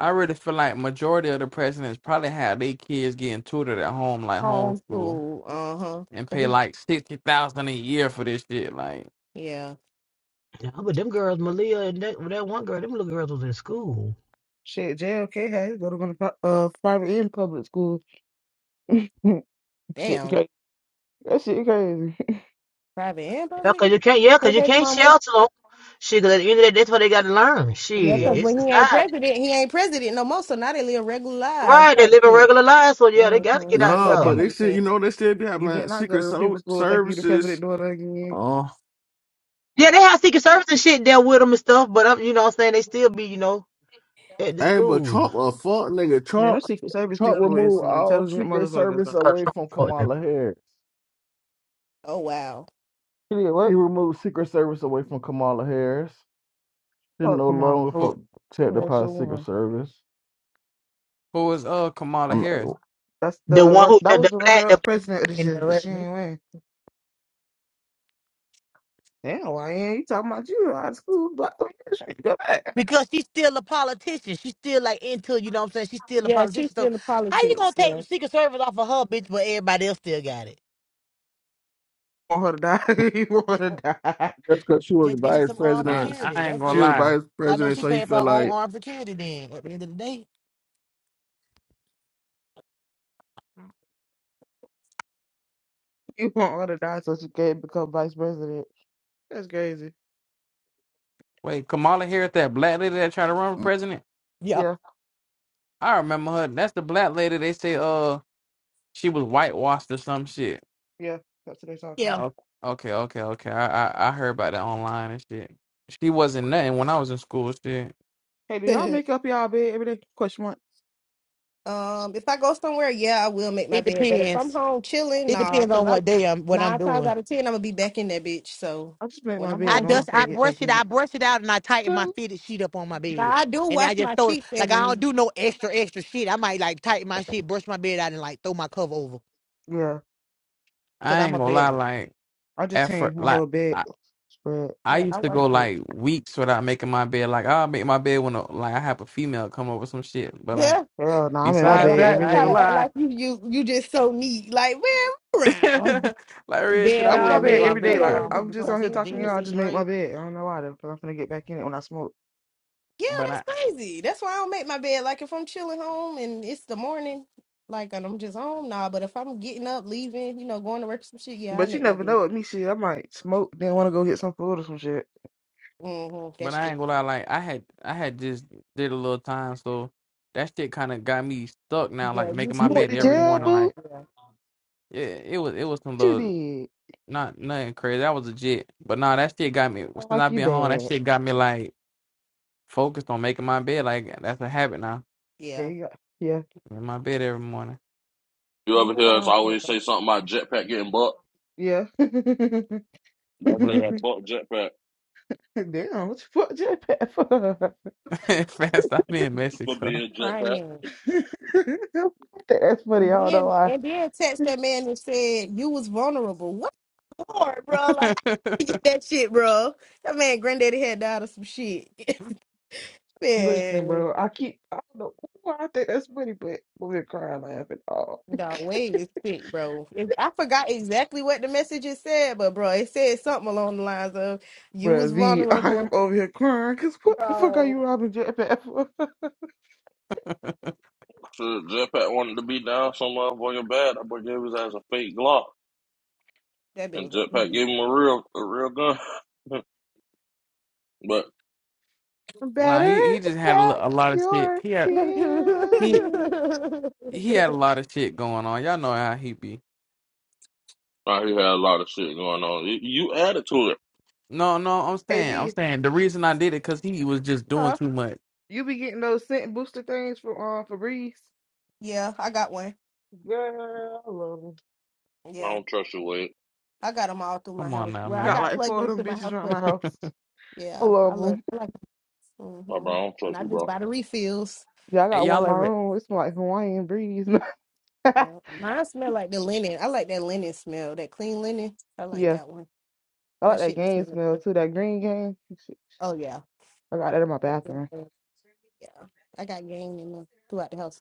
[SPEAKER 7] I really feel like majority of the presidents probably had their kids getting tutored at home, like homeschool,
[SPEAKER 4] homeschool, uh-huh.
[SPEAKER 7] and
[SPEAKER 4] Cause
[SPEAKER 7] pay
[SPEAKER 4] it,
[SPEAKER 7] like sixty thousand a year for this shit. Like
[SPEAKER 4] yeah.
[SPEAKER 9] Yeah, but them girls, Malia and that, that one girl, them little girls was in school.
[SPEAKER 1] Shit, JLK had to go to one of the pri- uh private and public school. shit,
[SPEAKER 4] Damn.
[SPEAKER 1] crazy. That shit crazy.
[SPEAKER 4] Private and
[SPEAKER 9] Yeah,
[SPEAKER 4] public.
[SPEAKER 9] cause you can't. Yeah,
[SPEAKER 4] Hey
[SPEAKER 9] cause you
[SPEAKER 4] baby
[SPEAKER 9] can't
[SPEAKER 4] mama.
[SPEAKER 9] shelter them. Shit, cause at the end of the day, that's what they got to learn.
[SPEAKER 4] Yeah,
[SPEAKER 9] Shit,
[SPEAKER 1] Yeah,
[SPEAKER 4] because
[SPEAKER 9] it's
[SPEAKER 4] when he ain't
[SPEAKER 9] society.
[SPEAKER 4] president, he ain't president no more. So now they live regular lives
[SPEAKER 9] Right, they
[SPEAKER 4] type
[SPEAKER 9] living
[SPEAKER 4] shit.
[SPEAKER 9] regular lives, so yeah, they
[SPEAKER 4] hmm
[SPEAKER 9] got to get out
[SPEAKER 4] Yeah,
[SPEAKER 12] No,
[SPEAKER 4] that
[SPEAKER 12] but
[SPEAKER 9] there.
[SPEAKER 12] they
[SPEAKER 4] makes
[SPEAKER 12] still, you
[SPEAKER 4] sense.
[SPEAKER 12] know, they still be
[SPEAKER 1] you better
[SPEAKER 12] having
[SPEAKER 1] not go
[SPEAKER 12] secret
[SPEAKER 1] to the
[SPEAKER 12] so-
[SPEAKER 1] people's school and think you the
[SPEAKER 12] services.
[SPEAKER 1] president doing that again.
[SPEAKER 12] Uh,
[SPEAKER 9] Yeah, they have secret service and shit there with them and stuff, but I'm, you know, what I'm saying they still be, you know, at the
[SPEAKER 12] hey, but
[SPEAKER 9] schools.
[SPEAKER 12] Trump a fuck nigga.
[SPEAKER 1] Man,
[SPEAKER 12] Trump,
[SPEAKER 1] those Secret Service
[SPEAKER 12] Trump
[SPEAKER 1] people is
[SPEAKER 12] removed
[SPEAKER 1] some
[SPEAKER 12] all
[SPEAKER 1] intelligent
[SPEAKER 12] secret
[SPEAKER 1] motherfuckers
[SPEAKER 12] service
[SPEAKER 1] though.
[SPEAKER 9] So,
[SPEAKER 12] away
[SPEAKER 9] so,
[SPEAKER 12] from
[SPEAKER 9] for them.
[SPEAKER 12] Kamala Harris.
[SPEAKER 4] Oh wow.
[SPEAKER 1] You did
[SPEAKER 12] He
[SPEAKER 1] what?
[SPEAKER 12] removed secret service away from Kamala Harris. Didn't
[SPEAKER 1] Fuck
[SPEAKER 12] no
[SPEAKER 1] Kamala.
[SPEAKER 12] longer
[SPEAKER 7] who
[SPEAKER 1] Oh,
[SPEAKER 12] protected
[SPEAKER 7] who
[SPEAKER 1] that's
[SPEAKER 12] by the
[SPEAKER 1] your one.
[SPEAKER 12] secret service.
[SPEAKER 7] who is uh
[SPEAKER 12] I
[SPEAKER 7] Kamala
[SPEAKER 12] mean,
[SPEAKER 7] Harris?
[SPEAKER 1] That's
[SPEAKER 9] The
[SPEAKER 1] the
[SPEAKER 9] one
[SPEAKER 1] run.
[SPEAKER 9] who
[SPEAKER 1] That
[SPEAKER 9] the, the
[SPEAKER 1] was the
[SPEAKER 9] black the
[SPEAKER 1] runner-up president of this
[SPEAKER 9] in
[SPEAKER 1] year,
[SPEAKER 9] the
[SPEAKER 1] but she
[SPEAKER 9] resume.
[SPEAKER 1] ain't win. Damn, why ain't you talking about you out of school? Black woman, shit, go back.
[SPEAKER 9] Because she's still a politician. She's still like into, you know what I'm saying? She's still a
[SPEAKER 4] Yeah, she's
[SPEAKER 9] politician. So
[SPEAKER 4] still in
[SPEAKER 9] how you gonna
[SPEAKER 4] politics.
[SPEAKER 9] take
[SPEAKER 4] Yeah.
[SPEAKER 9] Secret Service off of her bitch but everybody else still got it?
[SPEAKER 1] You want her to die? you
[SPEAKER 9] Just,
[SPEAKER 1] want her
[SPEAKER 9] uh,
[SPEAKER 1] to die?
[SPEAKER 12] that's because she was the
[SPEAKER 9] just get you
[SPEAKER 12] vice
[SPEAKER 9] some armed
[SPEAKER 7] Nah,
[SPEAKER 12] president. So
[SPEAKER 9] security.
[SPEAKER 7] I ain't
[SPEAKER 9] That's
[SPEAKER 12] she
[SPEAKER 7] gonna
[SPEAKER 9] it.
[SPEAKER 12] was
[SPEAKER 7] lie.
[SPEAKER 12] vice
[SPEAKER 9] I know
[SPEAKER 12] president,
[SPEAKER 9] she
[SPEAKER 12] so he
[SPEAKER 9] paying for
[SPEAKER 12] felt
[SPEAKER 9] her own
[SPEAKER 12] like
[SPEAKER 9] armed security. Then at the end of the day,
[SPEAKER 1] You want her to die so she can become vice president? That's crazy.
[SPEAKER 7] Wait, Kamala Harris, that black lady that tried to run for president?
[SPEAKER 9] yeah,
[SPEAKER 1] Yeah,
[SPEAKER 7] I remember her. That's the black lady they say uh she was whitewashed or some shit.
[SPEAKER 1] yeah. That's what they're talking
[SPEAKER 9] yeah.
[SPEAKER 1] about.
[SPEAKER 7] Oh, okay, okay, okay. I, I I heard about that online and shit. She wasn't nothing when I was in school. Shit,
[SPEAKER 1] Hey, do y'all make up y'all bed every day? Question mark.
[SPEAKER 4] um, if I go somewhere, yeah, I will make my
[SPEAKER 9] It
[SPEAKER 4] bed. But if I'm
[SPEAKER 9] depends.
[SPEAKER 4] home chilling,
[SPEAKER 9] It
[SPEAKER 4] nah,
[SPEAKER 9] depends
[SPEAKER 4] because
[SPEAKER 9] on
[SPEAKER 4] I
[SPEAKER 9] what day I'm, what I'm
[SPEAKER 4] nine times
[SPEAKER 9] doing.
[SPEAKER 4] out of ten I'm gonna be back in that bitch. So
[SPEAKER 1] I just make
[SPEAKER 4] when
[SPEAKER 1] my
[SPEAKER 4] I'm
[SPEAKER 9] I
[SPEAKER 1] bed,
[SPEAKER 4] home,
[SPEAKER 1] knowing
[SPEAKER 4] just.
[SPEAKER 1] I'm
[SPEAKER 9] dust,
[SPEAKER 1] finna
[SPEAKER 9] I
[SPEAKER 4] still-
[SPEAKER 1] get
[SPEAKER 9] brush
[SPEAKER 1] back
[SPEAKER 9] it,
[SPEAKER 1] in
[SPEAKER 9] I
[SPEAKER 1] it.
[SPEAKER 9] brush it out, and I tighten
[SPEAKER 12] "Tell
[SPEAKER 9] my
[SPEAKER 12] me
[SPEAKER 9] fitted sheet up on my
[SPEAKER 4] Now
[SPEAKER 9] bed,
[SPEAKER 4] I do
[SPEAKER 9] and I
[SPEAKER 4] wash
[SPEAKER 9] just
[SPEAKER 4] my
[SPEAKER 9] throw
[SPEAKER 4] sheets
[SPEAKER 9] like
[SPEAKER 4] every
[SPEAKER 9] I don't
[SPEAKER 4] week.
[SPEAKER 9] do no extra extra shit. I might like tighten my shit, brush my bed out, and like throw my cover over,
[SPEAKER 1] Yeah,
[SPEAKER 9] cause
[SPEAKER 7] I
[SPEAKER 9] I'm
[SPEAKER 7] ain't
[SPEAKER 9] a
[SPEAKER 7] gonna lie.
[SPEAKER 9] bedroom.
[SPEAKER 7] Like
[SPEAKER 1] I just
[SPEAKER 7] effort,
[SPEAKER 1] changed my
[SPEAKER 7] like
[SPEAKER 1] whole bed
[SPEAKER 7] I,
[SPEAKER 1] spread.
[SPEAKER 7] I
[SPEAKER 4] Yeah, I
[SPEAKER 7] used to
[SPEAKER 4] wash
[SPEAKER 1] That's
[SPEAKER 7] go
[SPEAKER 4] them.
[SPEAKER 1] it.
[SPEAKER 7] like weeks without making my bed. Like I'll make my bed when a, like I have a female come over some shit. But like
[SPEAKER 4] yeah,
[SPEAKER 1] Hell, no, I'm in my
[SPEAKER 4] try to
[SPEAKER 7] besides
[SPEAKER 4] act
[SPEAKER 1] bed
[SPEAKER 7] that,
[SPEAKER 1] every
[SPEAKER 4] like
[SPEAKER 7] I ain't
[SPEAKER 4] try
[SPEAKER 7] gonna
[SPEAKER 1] day.
[SPEAKER 4] to act
[SPEAKER 7] lie.
[SPEAKER 4] like you you you just so neat. Like man, around.
[SPEAKER 7] like real shit,
[SPEAKER 4] Bed
[SPEAKER 7] I
[SPEAKER 1] I'm in my
[SPEAKER 4] all
[SPEAKER 7] wouldn't make
[SPEAKER 1] bed
[SPEAKER 7] my
[SPEAKER 1] every
[SPEAKER 4] red,
[SPEAKER 1] day.
[SPEAKER 4] pillow
[SPEAKER 1] Like
[SPEAKER 7] bed.
[SPEAKER 9] Um,
[SPEAKER 4] and
[SPEAKER 9] what
[SPEAKER 4] just
[SPEAKER 1] I'm just
[SPEAKER 9] become to
[SPEAKER 4] tuck
[SPEAKER 1] on here
[SPEAKER 9] see the
[SPEAKER 4] this
[SPEAKER 1] talking to
[SPEAKER 9] dean of
[SPEAKER 1] y'all. I
[SPEAKER 4] shit.
[SPEAKER 9] sixth
[SPEAKER 1] just made
[SPEAKER 9] grade?
[SPEAKER 1] my bed. I don't know why though, because I'm gonna get back in it when I smoke.
[SPEAKER 4] Yeah,
[SPEAKER 7] But
[SPEAKER 4] that's
[SPEAKER 7] I
[SPEAKER 4] crazy. That's why I don't make my bed. Like if I'm chilling home and it's the morning, like and I'm just home, nah. But if I'm getting up, leaving, you know, going to work, some shit, yeah, I
[SPEAKER 1] But you
[SPEAKER 4] make my
[SPEAKER 1] never know
[SPEAKER 4] bed.
[SPEAKER 1] with me shit. I might smoke, then wanna go get some food or some shit.
[SPEAKER 4] hmm
[SPEAKER 7] but
[SPEAKER 4] That's
[SPEAKER 7] I
[SPEAKER 4] true.
[SPEAKER 7] ain't gonna lie. Like I had I had just did a little time, so that shit kind of got me stuck now.
[SPEAKER 4] Yeah,
[SPEAKER 7] Like
[SPEAKER 4] you
[SPEAKER 7] making my
[SPEAKER 1] You
[SPEAKER 4] should
[SPEAKER 1] went
[SPEAKER 7] bed
[SPEAKER 1] to
[SPEAKER 7] every
[SPEAKER 4] fucking
[SPEAKER 1] jail,
[SPEAKER 4] uh,
[SPEAKER 7] morning.
[SPEAKER 1] boo? What
[SPEAKER 7] Like.
[SPEAKER 4] yeah.
[SPEAKER 7] Yeah, it was it was some
[SPEAKER 1] You
[SPEAKER 7] little
[SPEAKER 1] did.
[SPEAKER 7] Not nothing crazy. That was legit. But nah, that shit got me.
[SPEAKER 1] I
[SPEAKER 7] Since i
[SPEAKER 1] like you
[SPEAKER 7] been home, that
[SPEAKER 1] bad.
[SPEAKER 7] shit got me like focused on making my bed. Like that's a habit now.
[SPEAKER 1] Yeah,
[SPEAKER 4] Yeah.
[SPEAKER 1] you got yeah.
[SPEAKER 7] I'm in my bed every morning,
[SPEAKER 8] You
[SPEAKER 4] Ain't
[SPEAKER 8] ever
[SPEAKER 4] nothing
[SPEAKER 8] hear
[SPEAKER 4] wrong
[SPEAKER 8] us
[SPEAKER 4] with that
[SPEAKER 8] always
[SPEAKER 4] though.
[SPEAKER 8] say something about Jetpack getting bucked?
[SPEAKER 1] Yeah. Damn,
[SPEAKER 8] That nigga
[SPEAKER 7] Bruh.
[SPEAKER 8] had bucked Jetpack
[SPEAKER 1] what you fuck jetpack for?
[SPEAKER 7] Fast. I be in
[SPEAKER 8] for
[SPEAKER 7] Mexico.
[SPEAKER 8] being Jetpack.
[SPEAKER 4] Crying.
[SPEAKER 1] I think that's funny,
[SPEAKER 4] And
[SPEAKER 1] I don't know
[SPEAKER 4] then
[SPEAKER 1] why.
[SPEAKER 4] And then text that man and said you was vulnerable. What for, bro? Like I get that shit, bro. That man, granddaddy had died of some shit.
[SPEAKER 1] Listen,
[SPEAKER 4] man.
[SPEAKER 1] bro, I keep I don't know why I think that's funny, but we're crying laughing all.
[SPEAKER 4] Dog, Wade is sick, bro. If- I forgot exactly what the message it said, but bro, it said something along the lines of "You was
[SPEAKER 1] But the
[SPEAKER 4] vulnerable,
[SPEAKER 1] I'm over here crying because what the fuck are you
[SPEAKER 4] bro."
[SPEAKER 1] robbing Jetpack for?
[SPEAKER 8] Shit, Jetpack wanted to be down some motherfucking bad. That boy gave his ass a fake Glock.
[SPEAKER 4] That bit
[SPEAKER 8] and
[SPEAKER 4] was a
[SPEAKER 8] Jetpack
[SPEAKER 4] B
[SPEAKER 8] gave him a real a real gun. but
[SPEAKER 7] nah,
[SPEAKER 1] Better
[SPEAKER 7] he he just had a, lo-
[SPEAKER 1] pack
[SPEAKER 7] a lot of shit.
[SPEAKER 1] your
[SPEAKER 7] He had
[SPEAKER 1] tears.
[SPEAKER 7] he
[SPEAKER 1] in.
[SPEAKER 7] he
[SPEAKER 4] B.
[SPEAKER 7] had a lot of shit going on. Y'all know how he be.
[SPEAKER 8] nah, he had a lot of shit going on. You you added to it.
[SPEAKER 7] No, no, I'm
[SPEAKER 1] Hey
[SPEAKER 7] saying, I'm
[SPEAKER 1] V,
[SPEAKER 7] saying the reason I did it because he was just doing
[SPEAKER 4] Huh?
[SPEAKER 7] too much.
[SPEAKER 1] you be getting those scent booster things for um Febreze?
[SPEAKER 4] Yeah, I got one.
[SPEAKER 1] Girl, I love 'em.
[SPEAKER 8] I
[SPEAKER 4] Yeah,
[SPEAKER 8] don't trust you, Wade.
[SPEAKER 4] I got them all through my
[SPEAKER 7] Come on
[SPEAKER 4] house.
[SPEAKER 7] now,
[SPEAKER 4] Well, I
[SPEAKER 1] Got
[SPEAKER 7] man.
[SPEAKER 4] got
[SPEAKER 1] like four of
[SPEAKER 4] plugins
[SPEAKER 1] them
[SPEAKER 4] to my
[SPEAKER 1] bitches
[SPEAKER 4] house,
[SPEAKER 1] around
[SPEAKER 4] but
[SPEAKER 1] my
[SPEAKER 4] the,
[SPEAKER 1] house. I
[SPEAKER 4] yeah, I
[SPEAKER 1] love
[SPEAKER 4] love
[SPEAKER 1] them.
[SPEAKER 4] I like
[SPEAKER 8] My bro,
[SPEAKER 4] hmm
[SPEAKER 8] I don't
[SPEAKER 4] and
[SPEAKER 8] trust
[SPEAKER 4] I
[SPEAKER 8] you,
[SPEAKER 4] just
[SPEAKER 8] bro.
[SPEAKER 4] buy the refills.
[SPEAKER 1] Yeah, I
[SPEAKER 7] Hey,
[SPEAKER 1] got one in
[SPEAKER 7] y'all
[SPEAKER 1] my
[SPEAKER 7] ever,
[SPEAKER 1] room. It smell like Hawaiian breeze.
[SPEAKER 4] Yeah, mine smell like the linen. I like that linen smell, that clean linen. I like
[SPEAKER 1] yeah,
[SPEAKER 4] that one.
[SPEAKER 1] I like
[SPEAKER 4] That
[SPEAKER 1] that
[SPEAKER 4] shit be
[SPEAKER 1] game
[SPEAKER 4] smelling.
[SPEAKER 1] smell
[SPEAKER 4] good.
[SPEAKER 1] too. That green game. Shit,
[SPEAKER 4] Oh yeah.
[SPEAKER 1] I got that in my bathroom.
[SPEAKER 4] Yeah, I got game in the, throughout the house,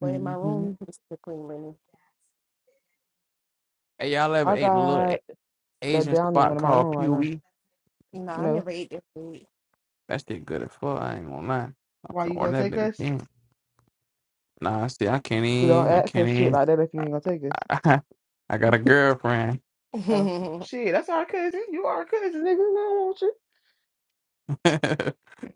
[SPEAKER 4] but in my
[SPEAKER 1] hmm
[SPEAKER 4] room, it's the clean linen.
[SPEAKER 7] hey, y'all ever
[SPEAKER 1] I
[SPEAKER 7] ate a little
[SPEAKER 1] got
[SPEAKER 7] A-
[SPEAKER 1] that
[SPEAKER 7] Asian
[SPEAKER 1] downy one
[SPEAKER 7] spot
[SPEAKER 1] in my
[SPEAKER 7] called
[SPEAKER 1] room right now.
[SPEAKER 7] Pewee?
[SPEAKER 4] You know, I
[SPEAKER 1] No,
[SPEAKER 4] never ate that food.
[SPEAKER 7] That shit good as fuck. I ain't gonna lie. I'm
[SPEAKER 1] Why
[SPEAKER 7] finna
[SPEAKER 1] you gonna
[SPEAKER 7] order that
[SPEAKER 1] take
[SPEAKER 7] bitch
[SPEAKER 1] us?
[SPEAKER 7] again. Nah, see, I can't
[SPEAKER 1] We don't
[SPEAKER 7] even. I can't
[SPEAKER 1] access shit
[SPEAKER 7] even.
[SPEAKER 1] like that if you ain't gonna take us.
[SPEAKER 7] I, got a girlfriend.
[SPEAKER 1] Oh shit, that's our cousin. You our cousin, nigga. No,
[SPEAKER 7] she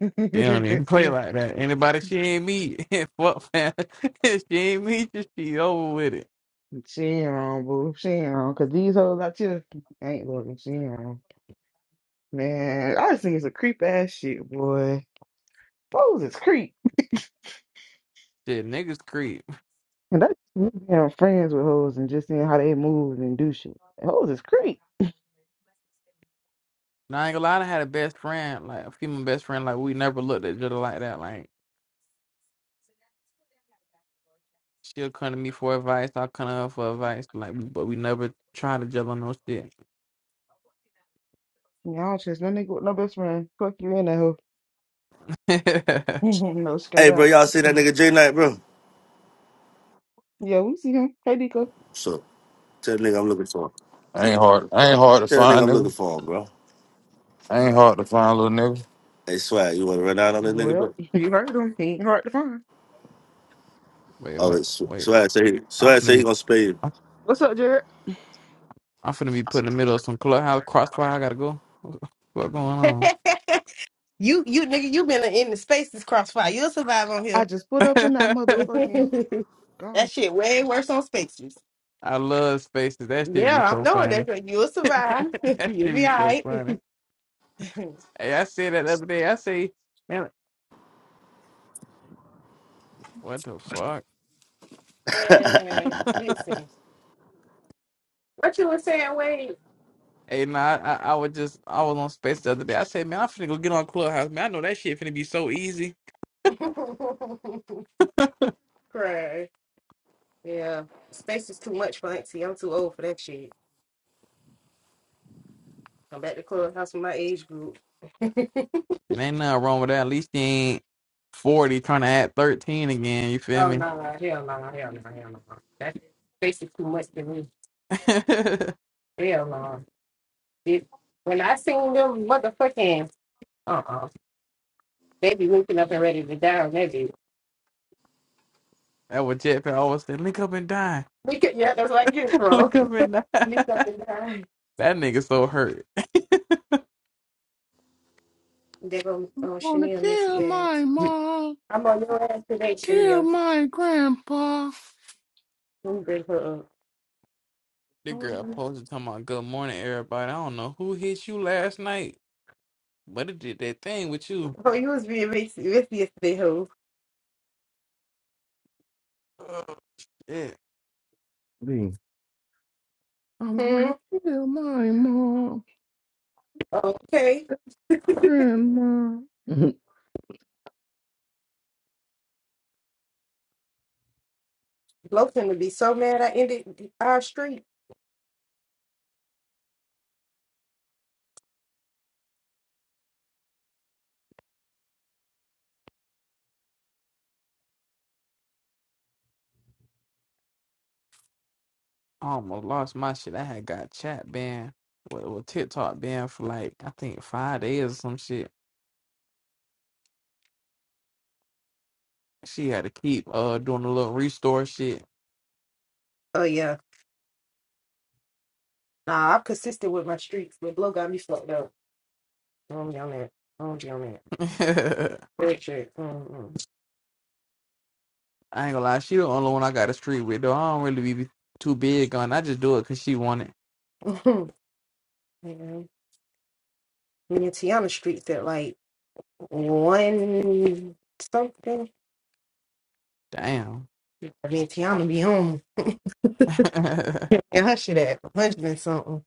[SPEAKER 1] don't
[SPEAKER 7] don't even play
[SPEAKER 1] you?
[SPEAKER 7] like that. Anybody she ain't meet, fuck fam. If she ain't meet you, she over with it.
[SPEAKER 1] she ain't wrong, boo. She ain't wrong. Cause these hoes out here ain't looking. She ain't wrong. Man, I just think it's a creep ass shit, boy. Hoes is creep.
[SPEAKER 7] Shit, niggas creep.
[SPEAKER 1] And that's me being friends with hoes and just seeing how they move and do shit. Hoes is creep.
[SPEAKER 7] Nah, I ain't gonna lie. I had a best friend, like a female best friend. Like we never looked at each other like that. Like she'll come to me for advice. I'll come to her for advice. Like, but we never tried to juggle no shit.
[SPEAKER 1] Yeah, I don't trust no nigga with no best friend. Fuck you in that hoe. no, straight
[SPEAKER 14] Hey, bro,
[SPEAKER 1] up.
[SPEAKER 14] y'all see that nigga J Knight, bro?
[SPEAKER 1] Yeah, we see him. Hey, Nico.
[SPEAKER 14] So tell the nigga I'm looking for him.
[SPEAKER 15] I ain't hard. I ain't hard to
[SPEAKER 14] Tell the nigga
[SPEAKER 15] find,
[SPEAKER 14] I'm looking
[SPEAKER 15] nigga.
[SPEAKER 14] for him, bro.
[SPEAKER 15] I ain't hard to find, little nigga.
[SPEAKER 14] Hey, Swag, you want to run out on this nigga,
[SPEAKER 1] Well,
[SPEAKER 14] bro?
[SPEAKER 1] you heard him. He ain't hard to find.
[SPEAKER 7] wait,
[SPEAKER 14] Oh,
[SPEAKER 7] what?
[SPEAKER 14] it's
[SPEAKER 7] Wait,
[SPEAKER 14] Swag say he,
[SPEAKER 7] I'm
[SPEAKER 14] Swag
[SPEAKER 7] finna
[SPEAKER 14] say he
[SPEAKER 7] be.
[SPEAKER 14] gonna spay
[SPEAKER 1] What's up, Jared?
[SPEAKER 7] I'm finna be put in the middle of some clubhouse crossfire. I gotta go. What going on?
[SPEAKER 4] you, you, nigga, you been in the spaces crossfire. You'll survive on
[SPEAKER 1] I
[SPEAKER 4] here.
[SPEAKER 1] just put up in that motherfucking
[SPEAKER 4] that
[SPEAKER 1] gone.
[SPEAKER 4] shit way worse on spaces.
[SPEAKER 7] I love spaces. That shit be
[SPEAKER 4] Yeah, I'm
[SPEAKER 7] so
[SPEAKER 4] knowing that
[SPEAKER 7] funny.
[SPEAKER 4] but you'll survive.
[SPEAKER 7] that
[SPEAKER 4] You'll
[SPEAKER 7] shit
[SPEAKER 4] be
[SPEAKER 7] be
[SPEAKER 4] all
[SPEAKER 7] so
[SPEAKER 4] right.
[SPEAKER 7] funny. Hey, I said that the other day. I say, man, what the fuck?
[SPEAKER 14] you.
[SPEAKER 4] Man, listen, what you were saying, Wade?
[SPEAKER 7] Hey, nah, I, I, I was just, I was on space the other day. I said, man, I'm finna go get on clubhouse. Man, I know that shit finna be so easy.
[SPEAKER 4] Cry. Yeah, space is too much for Auntie. I'm too old for that shit. Come back to clubhouse with my age group. oh
[SPEAKER 7] It ain't nothing wrong with that. At least you ain't 40 trying to add 13 again. You feel
[SPEAKER 4] no,
[SPEAKER 7] me?
[SPEAKER 4] no, hell no, hell no, hell no. That's basically too much to me. Hell no. It, when I seen them motherfucking uh uh they be looking up and ready to die on that bitch.
[SPEAKER 7] that what Jetpack always said, link up and die.
[SPEAKER 4] We could yeah, that's like you
[SPEAKER 7] link
[SPEAKER 4] bro.
[SPEAKER 7] up and
[SPEAKER 4] Look
[SPEAKER 7] die.
[SPEAKER 4] up and die.
[SPEAKER 7] That nigga so hurt.
[SPEAKER 4] They go oh
[SPEAKER 12] you wanna
[SPEAKER 4] Shania
[SPEAKER 12] kill
[SPEAKER 4] Missy
[SPEAKER 12] my
[SPEAKER 4] ass.
[SPEAKER 12] mom,
[SPEAKER 4] I'm on your ass today,
[SPEAKER 12] kill
[SPEAKER 4] Shania.
[SPEAKER 12] my grandpa.
[SPEAKER 4] Let me bring her up.
[SPEAKER 7] The
[SPEAKER 4] Oh,
[SPEAKER 7] girl
[SPEAKER 4] no.
[SPEAKER 7] posted talking about good morning, everybody. I don't know who hit you last night, but it did that thing with you.
[SPEAKER 4] Oh, you was being messy, messy yesterday, ho.
[SPEAKER 7] Ugh, Shit.
[SPEAKER 12] I'm
[SPEAKER 4] Hmm.
[SPEAKER 12] gonna kill my mom,
[SPEAKER 4] Okay.
[SPEAKER 12] grandma. Mhm.
[SPEAKER 4] Bloke's gonna be so mad I ended our street.
[SPEAKER 7] I almost lost my shit. I had got chat banned well, with TikTok banned for like I think five days or some shit. She had to keep uh doing a little restore shit.
[SPEAKER 4] Oh yeah. Nah, I'm consistent with my streaks, but blow got me fucked up. I don't be on that. I don't be on that. Real shit. Mm-mm.
[SPEAKER 7] I ain't gonna lie, she the only one I got a street with though. I don't really be too big on. I just do it cause she want it.
[SPEAKER 4] Yeah. Me and Tiana streaks at like one something.
[SPEAKER 7] Damn.
[SPEAKER 4] I mean, Tiana be on. And her shit at 100 and something.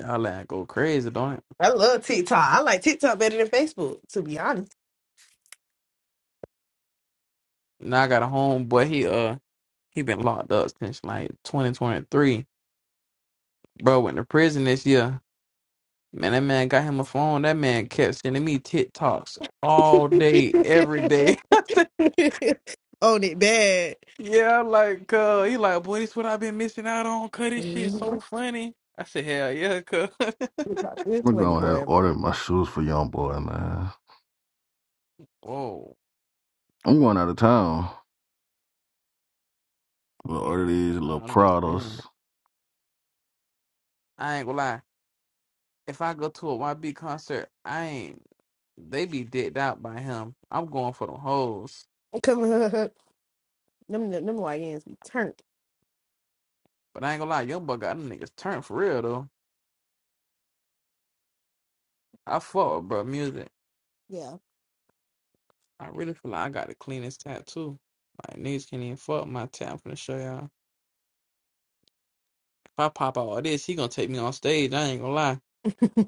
[SPEAKER 7] Y'all like go crazy, don't it?
[SPEAKER 4] I love TikTok. I like TikTok better than Facebook, to be honest.
[SPEAKER 7] Now I got a homeboy. He uh he been locked up since like 2023. Bro went to prison this year. Man, that man got him a phone. That man kept sending me TikToks all day, every day. I said,
[SPEAKER 4] Own it bad.
[SPEAKER 7] yeah, like uh, he like, boy, this what I've been missing out on. Cut this shit so
[SPEAKER 4] Mhm.
[SPEAKER 7] funny. I said, hell yeah, cuz.
[SPEAKER 4] TikTok is
[SPEAKER 12] I'm
[SPEAKER 4] funny,
[SPEAKER 12] going ahead and
[SPEAKER 4] boy.
[SPEAKER 12] order my shoes for young boy, man.
[SPEAKER 7] Whoa,
[SPEAKER 12] I'm going out of town. I'm gonna order these little
[SPEAKER 7] nah, I'm just
[SPEAKER 12] Prados,
[SPEAKER 7] saying. I ain't gonna lie. If I go to a YB concert, I ain't. They be dicked out by him. I'm going for the hoes.
[SPEAKER 4] Come on. Them, them, them YNs be turned.
[SPEAKER 7] But I ain't gonna lie, Young Buck got them niggas turned for real though. I fuck with bro music.
[SPEAKER 4] Yeah.
[SPEAKER 7] I really feel like I got the cleanest tattoo. Like niggas can't even fuck my tat. I'm finna show y'all. If I pop out all this, he gonna take me on stage. I ain't gonna lie.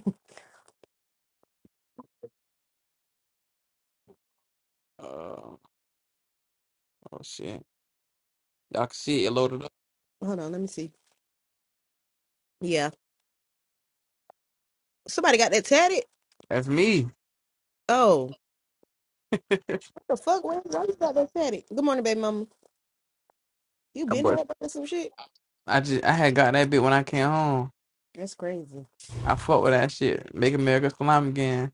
[SPEAKER 7] Uh, oh shit, y'all can see it loaded up.
[SPEAKER 4] Hold on, let me see. Yeah, somebody got that tatted.
[SPEAKER 7] That's me.
[SPEAKER 4] Oh, what the fuck? Why, why you got that tatted? Good morning, baby mama. You been
[SPEAKER 7] but
[SPEAKER 4] had by some shit?
[SPEAKER 7] I just I had got that bit when I came home.
[SPEAKER 4] That's crazy.
[SPEAKER 7] I fuck with that shit. Make America slime again.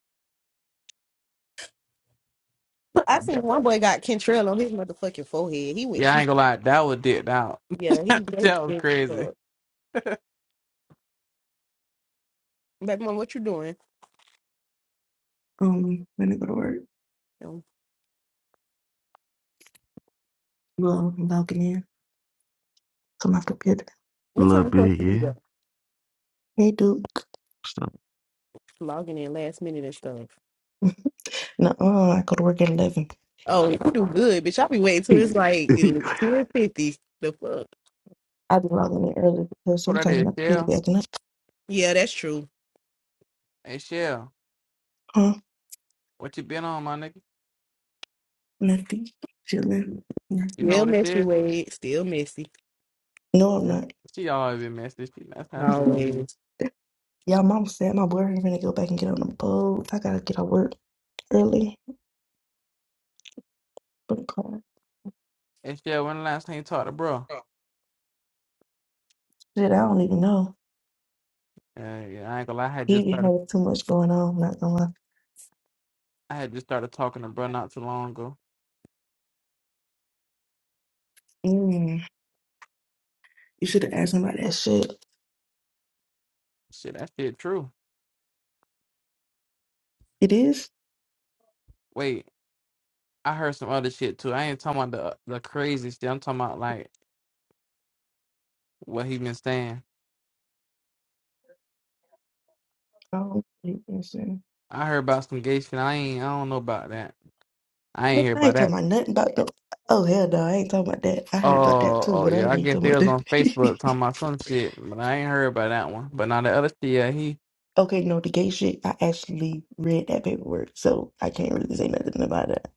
[SPEAKER 4] I
[SPEAKER 7] Okay.
[SPEAKER 4] seen one boy got Kentrell on his motherfucking forehead. He went
[SPEAKER 7] Yeah, I
[SPEAKER 4] too.
[SPEAKER 7] ain't gonna lie. That was dipped out.
[SPEAKER 4] Yeah, he did.
[SPEAKER 7] that was crazy.
[SPEAKER 4] Baby mama, what you doing?
[SPEAKER 16] Um, when I go to work,
[SPEAKER 4] Um,
[SPEAKER 16] well, I'm logging in to my computer.
[SPEAKER 4] What time
[SPEAKER 12] little
[SPEAKER 4] you supposed to be there?
[SPEAKER 12] Biggie.
[SPEAKER 16] Hey, dude.
[SPEAKER 12] Stuff.
[SPEAKER 4] Logging in last minute and stuff.
[SPEAKER 16] No, uh, I go to work at 11.
[SPEAKER 4] Oh, you do good, bitch. I'll be waiting till
[SPEAKER 12] oh
[SPEAKER 4] it's like two fifty. The fuck?
[SPEAKER 16] I be logging in early because
[SPEAKER 7] What that
[SPEAKER 16] sometimes
[SPEAKER 7] is,
[SPEAKER 16] my computer
[SPEAKER 7] Shell?
[SPEAKER 16] be acting up.
[SPEAKER 4] Yeah, that's true.
[SPEAKER 7] Hey Shell,
[SPEAKER 16] Huh?
[SPEAKER 7] what you been on, my nigga?
[SPEAKER 16] Nothing. Chilling.
[SPEAKER 7] You know
[SPEAKER 4] Still
[SPEAKER 16] Nothing.
[SPEAKER 7] what it
[SPEAKER 4] messy,
[SPEAKER 7] is?
[SPEAKER 4] Wade. Still messy.
[SPEAKER 16] No, I'm
[SPEAKER 7] Yeah.
[SPEAKER 16] not.
[SPEAKER 7] She always been messy. She, that's how she gonna be.
[SPEAKER 4] Always.
[SPEAKER 16] Y'all, mama said my boyfriend gonna go back and get on the boat. I gotta get out work early for the class.
[SPEAKER 7] And she when the last time you talked to bro?
[SPEAKER 16] Shit, I don't even know.
[SPEAKER 7] Uh, yeah, I ain't gonna lie. I had
[SPEAKER 16] He
[SPEAKER 7] just
[SPEAKER 16] be
[SPEAKER 7] started.
[SPEAKER 16] having too much going on. I'm not gonna lie.
[SPEAKER 7] I had just started talking to bro not too long ago.
[SPEAKER 16] Mm, you should have asked him about that shit.
[SPEAKER 7] Shit, that shit true.
[SPEAKER 16] It is.
[SPEAKER 7] Wait, I heard some other shit too. I ain't talking about the the crazy shit. I'm talking about like what he been saying.
[SPEAKER 16] Oh, you can say.
[SPEAKER 7] I heard about some gay shit. I ain't. I don't know about that. I ain't
[SPEAKER 16] Man,
[SPEAKER 7] hear
[SPEAKER 16] I
[SPEAKER 7] about
[SPEAKER 16] ain't
[SPEAKER 7] that.
[SPEAKER 16] talking about nothing about no. Oh hell no, I ain't talking about that. I heard about that
[SPEAKER 7] Oh,
[SPEAKER 16] too,
[SPEAKER 7] oh
[SPEAKER 16] but I
[SPEAKER 7] yeah.
[SPEAKER 16] ain't
[SPEAKER 7] I
[SPEAKER 16] even
[SPEAKER 7] guess
[SPEAKER 16] talking
[SPEAKER 7] they
[SPEAKER 16] about
[SPEAKER 7] was on
[SPEAKER 16] that.
[SPEAKER 7] Facebook talking about some shit, but I ain't heard about that one. But now the other shit, yeah, he.
[SPEAKER 16] okay, no, the gay shit. I actually read that paperwork, so I can't really say nothing about that.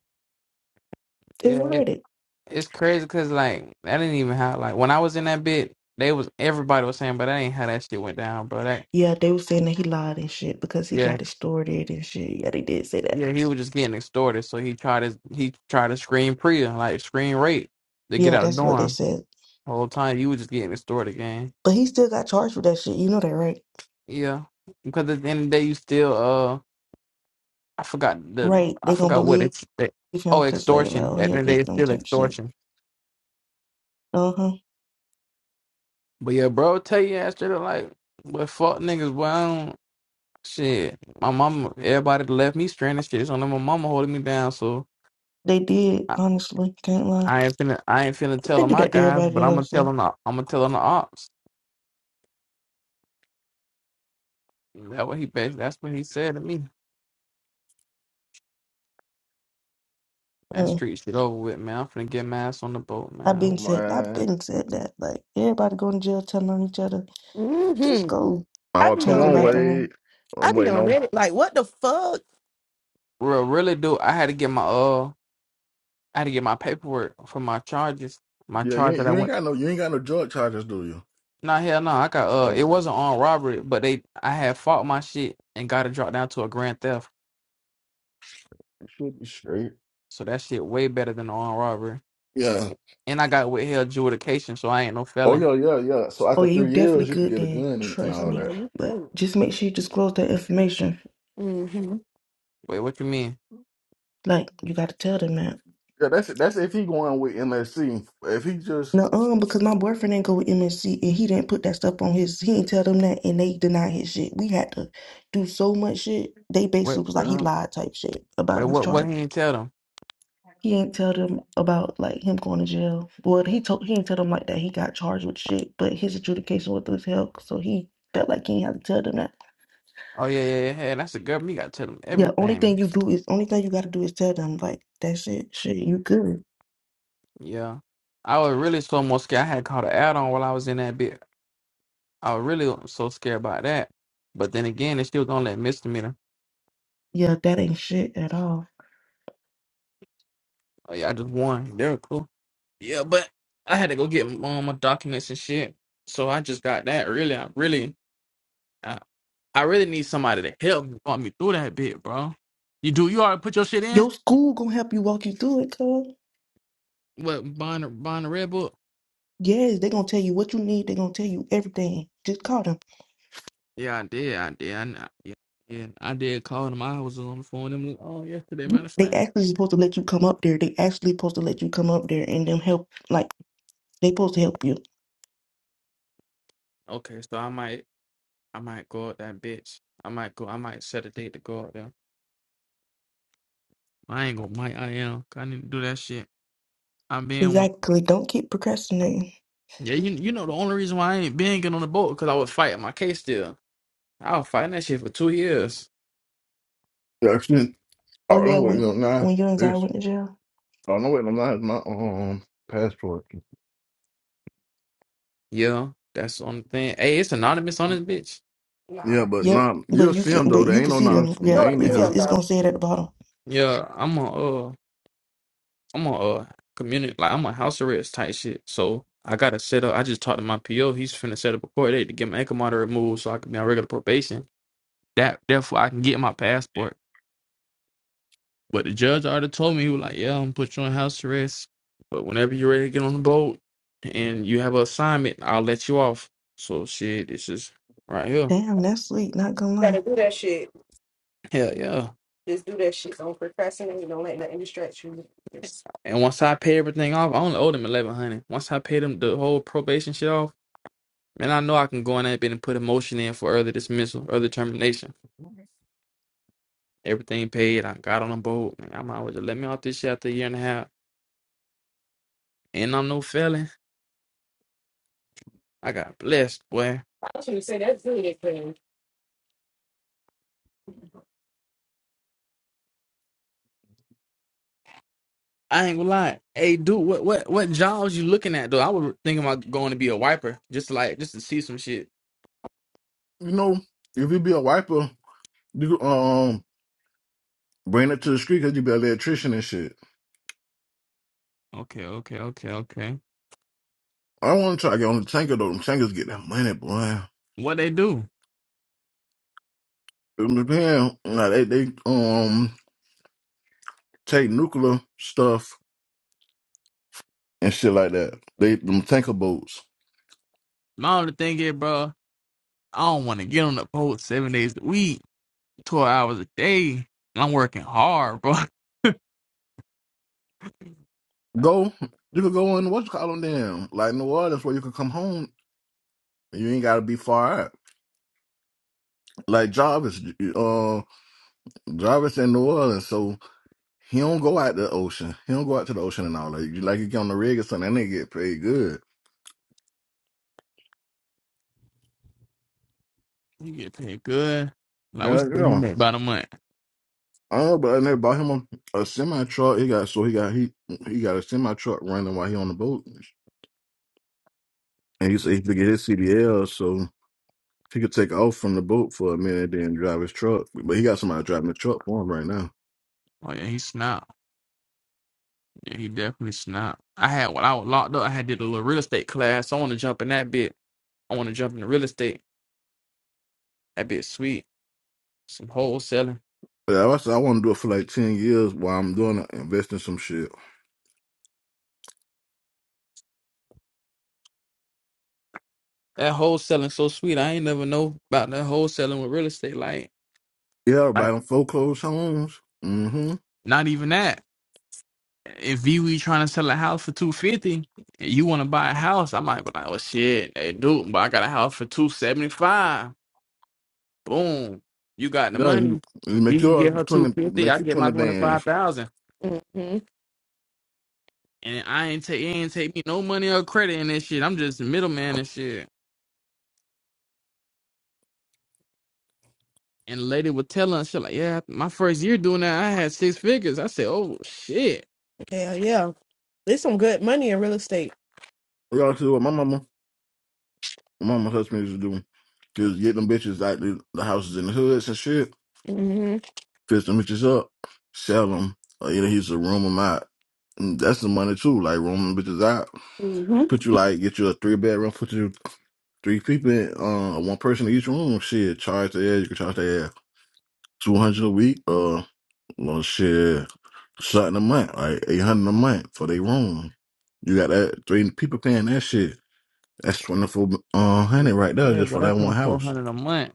[SPEAKER 16] It was
[SPEAKER 7] Yeah,
[SPEAKER 16] read it.
[SPEAKER 7] It's crazy because like that didn't even how like when I was in that bit, they was everybody was saying, but that ain't how that shit went down, bro. That
[SPEAKER 16] Yeah, they were saying that he lied and shit because he
[SPEAKER 7] yeah,
[SPEAKER 16] got extorted and shit. Yeah, they did say that.
[SPEAKER 7] yeah, he was just getting extorted, so he tried to he tried to scream Priya like scream rape to get
[SPEAKER 16] Yeah,
[SPEAKER 7] out of
[SPEAKER 16] that's what they
[SPEAKER 7] dorm.
[SPEAKER 16] said.
[SPEAKER 7] Whole time you was just getting extorted, gang.
[SPEAKER 16] But he still got charged with that shit. You know that, right?
[SPEAKER 7] Yeah, because at the end of the day, you still uh, I forgot the
[SPEAKER 16] Right.
[SPEAKER 7] I
[SPEAKER 16] They gonna
[SPEAKER 7] forgot what
[SPEAKER 16] believe
[SPEAKER 7] it's that,
[SPEAKER 16] him
[SPEAKER 7] oh
[SPEAKER 16] because they like,
[SPEAKER 7] extortion. At
[SPEAKER 16] oh,
[SPEAKER 7] the
[SPEAKER 16] he
[SPEAKER 7] end
[SPEAKER 16] a
[SPEAKER 7] of the day, it's
[SPEAKER 16] victim
[SPEAKER 7] still
[SPEAKER 16] type shit.
[SPEAKER 7] extortion.
[SPEAKER 16] Uh huh.
[SPEAKER 7] But yeah, bro, tell you ass straight up like, but fuck niggas, boy. Shit, my mama, everybody left me stranded. Shit, so now my mama holding me down. So
[SPEAKER 16] They did.
[SPEAKER 7] I,
[SPEAKER 16] Honestly, can't lie.
[SPEAKER 7] I ain't finna, I ain't finna tell
[SPEAKER 16] They
[SPEAKER 7] on
[SPEAKER 16] do
[SPEAKER 7] my
[SPEAKER 16] that to
[SPEAKER 7] guys, but
[SPEAKER 16] everybody
[SPEAKER 7] I'm gonna
[SPEAKER 16] else.
[SPEAKER 7] tell on the, I'm gonna tell on the ops. That what he, bas- that's what he said to me. That
[SPEAKER 16] Mm,
[SPEAKER 7] street shit over with, man. I'm finna get my ass on the boat,
[SPEAKER 16] I've
[SPEAKER 7] man.
[SPEAKER 16] been said I've
[SPEAKER 12] man,
[SPEAKER 16] been said that. Like everybody going to jail telling on each other, just
[SPEAKER 4] Mm-hmm.
[SPEAKER 16] go
[SPEAKER 4] I
[SPEAKER 12] oh
[SPEAKER 4] be
[SPEAKER 12] come
[SPEAKER 16] change
[SPEAKER 4] on
[SPEAKER 16] your
[SPEAKER 12] on,
[SPEAKER 16] life
[SPEAKER 4] Reddit
[SPEAKER 12] Wade.
[SPEAKER 16] around.
[SPEAKER 4] I
[SPEAKER 12] I'm
[SPEAKER 4] be
[SPEAKER 12] waiting
[SPEAKER 4] on
[SPEAKER 12] on.
[SPEAKER 4] Reddit. Like, what the fuck?
[SPEAKER 7] Real, really do. I had to get my, uh, I had to get my paperwork for my charges. My
[SPEAKER 12] Yeah, you
[SPEAKER 7] charge
[SPEAKER 12] ain't,
[SPEAKER 7] that I
[SPEAKER 12] you ain't
[SPEAKER 7] went.
[SPEAKER 12] got no you ain't got no drug charges, do you?
[SPEAKER 7] Nah, hell no. I got, uh, it
[SPEAKER 12] Oh,
[SPEAKER 7] wasn't on robbery, but they, I had fought my shit and got it dropped down to a grand theft.
[SPEAKER 12] you should be straight.
[SPEAKER 7] So that shit way better than on robbery.
[SPEAKER 12] Yeah.
[SPEAKER 7] And I got withheld adjudication, so I ain't no
[SPEAKER 12] Oh
[SPEAKER 7] felon.
[SPEAKER 12] yeah, yeah, yeah. So
[SPEAKER 16] Oh
[SPEAKER 12] after
[SPEAKER 16] yeah, you
[SPEAKER 12] three
[SPEAKER 16] definitely
[SPEAKER 12] years, you could
[SPEAKER 16] good
[SPEAKER 12] get a
[SPEAKER 16] then,
[SPEAKER 12] gun and
[SPEAKER 4] Oh,
[SPEAKER 16] trust
[SPEAKER 12] all
[SPEAKER 16] me.
[SPEAKER 4] yeah,
[SPEAKER 12] that.
[SPEAKER 4] you straight.
[SPEAKER 16] But just make sure you disclose that information.
[SPEAKER 4] Mm-hmm.
[SPEAKER 7] Wait, what you mean?
[SPEAKER 16] Like you gotta tell them that.
[SPEAKER 12] Yeah, that's it. That's if he going with MSC. If he just
[SPEAKER 16] No, um, because my boyfriend didn't go with MNC, and he didn't put that stuff on his. He didn't tell them that, and they denied his shit. We had to do so much shit. They
[SPEAKER 7] Wait,
[SPEAKER 16] basically was like he lied type shit
[SPEAKER 7] wait,
[SPEAKER 16] about his
[SPEAKER 7] what? What
[SPEAKER 16] charge.
[SPEAKER 7] he ain't tell them?
[SPEAKER 16] He didn't tell them about like him going to jail. Well, he told he didn't tell them like that he got charged with shit, but his adjudication was withheld, so he felt like he didn't have to tell them that.
[SPEAKER 7] Oh yeah, yeah, yeah. yeah, That's the government. You gotta tell them
[SPEAKER 16] Yeah, only
[SPEAKER 7] everything.
[SPEAKER 16] thing you do is only thing you got to do is tell them like that shit. Shit, you good?
[SPEAKER 7] Yeah, I was really so more scared. I had caught an add-on while I was in that bit. I was really so scared about that. But then again, they still gonna let misdemeanor.
[SPEAKER 16] Yeah, that ain't shit at all.
[SPEAKER 7] Oh yeah, I just won. They're cool. Yeah, but I had to go get um, my documents and shit. So I just got that. Really, I really, I, I really need somebody to help me walk me through that bit, bro. You do. You already put your shit in.
[SPEAKER 16] Your school gonna help you walk you through it, cuz.
[SPEAKER 7] What buying buying a red book?
[SPEAKER 16] Yes, they're gonna tell you what you need. They're gonna tell you everything. Just call them.
[SPEAKER 7] Yeah, I did. I did. I kn- yeah, yeah. I did call them. I was on the phone with them all yesterday. Matter
[SPEAKER 16] You,
[SPEAKER 7] of
[SPEAKER 16] they
[SPEAKER 7] fact.
[SPEAKER 16] actually supposed to let you come up there. They actually supposed to let you come up there and them help. Like they supposed to help you.
[SPEAKER 7] Okay, so I might I might go out that bitch. I might go. I might set a date to go out there. I ain't gonna. Might I am. 'cause I need to do that shit. I'm being one.
[SPEAKER 16] Exactly. Don't keep procrastinating.
[SPEAKER 7] Yeah, you you know the only reason why I ain't been getting on the boat because I was fighting my case still. I was fighting that shit for two years.
[SPEAKER 12] Yeah, actually,
[SPEAKER 16] Oh
[SPEAKER 12] all
[SPEAKER 16] yeah,
[SPEAKER 12] I'm waiting
[SPEAKER 16] when
[SPEAKER 12] on now
[SPEAKER 16] when your anxiety
[SPEAKER 12] is
[SPEAKER 16] went to jail.
[SPEAKER 12] all I'm waiting on now is my um passport.
[SPEAKER 7] Yeah, that's the only thing. Hey, it's anonymous on this bitch.
[SPEAKER 12] Yeah,
[SPEAKER 4] Nah.
[SPEAKER 12] but
[SPEAKER 16] Yep.
[SPEAKER 12] nah,
[SPEAKER 16] But
[SPEAKER 12] you'll
[SPEAKER 16] you
[SPEAKER 12] see them
[SPEAKER 16] can.
[SPEAKER 12] though.
[SPEAKER 16] But
[SPEAKER 12] They
[SPEAKER 16] you
[SPEAKER 12] ain't
[SPEAKER 16] can
[SPEAKER 12] no
[SPEAKER 16] see
[SPEAKER 12] nah,
[SPEAKER 16] them. Yeah.
[SPEAKER 12] they
[SPEAKER 4] You're a
[SPEAKER 12] ain't in
[SPEAKER 16] If it's,
[SPEAKER 12] here.
[SPEAKER 4] sin,
[SPEAKER 16] it's
[SPEAKER 4] though.
[SPEAKER 16] gonna say it at the bottom.
[SPEAKER 7] Yeah, I'm on. I'm on uh community like I'm on house arrest type shit. So I gotta set up. I just talked to my PO. He's finna set up a court date to get my ankle monitor removed so I can be on regular probation. That therefore I can get my passport. But the judge already told me he was like, "Yeah, I'm gonna put you on house arrest, but whenever you're ready to get on the boat and you have an assignment, I'll let you off." So shit, it's just right here.
[SPEAKER 16] Damn, that's sweet. Not gonna lie.
[SPEAKER 4] Gotta do that shit.
[SPEAKER 7] Hell yeah.
[SPEAKER 4] Just do that shit. Don't procrastinate. Don't let nothing distract you. Just...
[SPEAKER 7] And once I pay everything off, I only owe them eleven hundred. Once I pay them the whole probation shit off. Man, I know I can go in that bit and put a motion in for early dismissal, early termination. Everything paid. I got on the boat. Man, I might as well just let me off this shit after a year and a half. And I'm no felon. I got blessed, boy.
[SPEAKER 4] I should say that's good, at thing.
[SPEAKER 7] I ain't gonna lie. Hey, dude, what what what jobs you looking at, though? I was thinking about going to be a wiper, just to like just to see some shit.
[SPEAKER 12] You know, if you be a wiper, you could, um bring it to the street because you be an electrician and shit.
[SPEAKER 7] Okay, okay, okay, okay.
[SPEAKER 12] I want to try to get on the tanker though. Them tankers get that money, boy.
[SPEAKER 7] What they do?
[SPEAKER 12] It depends. Nah, they they um take nuclear stuff and shit like that. They them tanker boats.
[SPEAKER 7] My only thing is, bro, I don't want to get on the boat seven days a week. twelve hours a day, and I'm working hard, bro.
[SPEAKER 12] Go, you could go in what's it called on them like New Orleans where you could come home You ain't gotta be far out. Like Jarvis, uh, Jarvis in New Orleans, so he don't go out the ocean. He don't go out to the ocean and all that. You like you get on the rig or something, that nigga get paid good.
[SPEAKER 7] He get paid good. Like what
[SPEAKER 12] Yeah,
[SPEAKER 7] you
[SPEAKER 12] you
[SPEAKER 7] think he
[SPEAKER 12] know.
[SPEAKER 7] made? About a month.
[SPEAKER 12] Uh, but and they bought him a, a semi truck. He got so he got he he got a semi truck running while he on the boat, and he said he could get his CDL, so he could take off from the boat for a minute, then drive his truck. But he got somebody driving the truck for him right now.
[SPEAKER 7] Oh yeah, he snapped. Yeah, he definitely snapped. I had when I was locked up, I had did a little real estate class. So I want to jump in that bit. I want to jump into real estate. That bitch sweet. Some wholesaling.
[SPEAKER 12] But I, said I want to do it for like ten years while I'm doing it, invest in some shit.
[SPEAKER 7] That wholesaling so sweet. I ain't never know about that wholesaling with real estate. Like,
[SPEAKER 12] Yeah, buy
[SPEAKER 7] like
[SPEAKER 12] them foreclosed homes. Mm-hmm.
[SPEAKER 7] not even that. If you we trying to sell a house for two fifty, and you want to buy a house, I might be like, oh shit, hey dude, but I got a house for two seventy five. Boom, you got the
[SPEAKER 12] Yeah,
[SPEAKER 7] money.
[SPEAKER 12] you, you
[SPEAKER 7] If
[SPEAKER 12] make
[SPEAKER 7] you can
[SPEAKER 12] your
[SPEAKER 7] get her two
[SPEAKER 12] twenty,
[SPEAKER 7] fifty,
[SPEAKER 12] make
[SPEAKER 7] I
[SPEAKER 12] you
[SPEAKER 7] get my
[SPEAKER 12] twenty
[SPEAKER 7] twenty five
[SPEAKER 12] bands.
[SPEAKER 7] thousand,
[SPEAKER 4] Mm-hmm.
[SPEAKER 7] and I ain't take it ain't take me no money or credit in this shit. I'm just a middleman and shit. And the lady was telling us, she like, yeah, my first year doing that, I had six figures. I said, oh shit.
[SPEAKER 4] Yeah, yeah. There's some good money in real estate.
[SPEAKER 12] Y'all see what my mama, my mama husband used to do. Just get them bitches out the, the houses in the hoods and shit.
[SPEAKER 4] Mm-hmm.
[SPEAKER 12] Fix them bitches up, sell them. Or either he's to room them out. And that's the money too. Like room them bitches out. Put you like get you a three bedroom. Put you three people, in, uh, one person in each room. Shit, charge the air. You can charge the air two hundred a week. Uh, well, shit. something a month, like eight hundred a month for their room. You got that three people paying that shit. That's twenty four uh, hundred right there
[SPEAKER 7] Yeah,
[SPEAKER 12] just for
[SPEAKER 7] but
[SPEAKER 12] that
[SPEAKER 7] that's
[SPEAKER 12] one
[SPEAKER 7] twenty four
[SPEAKER 12] house.
[SPEAKER 7] hundred a month,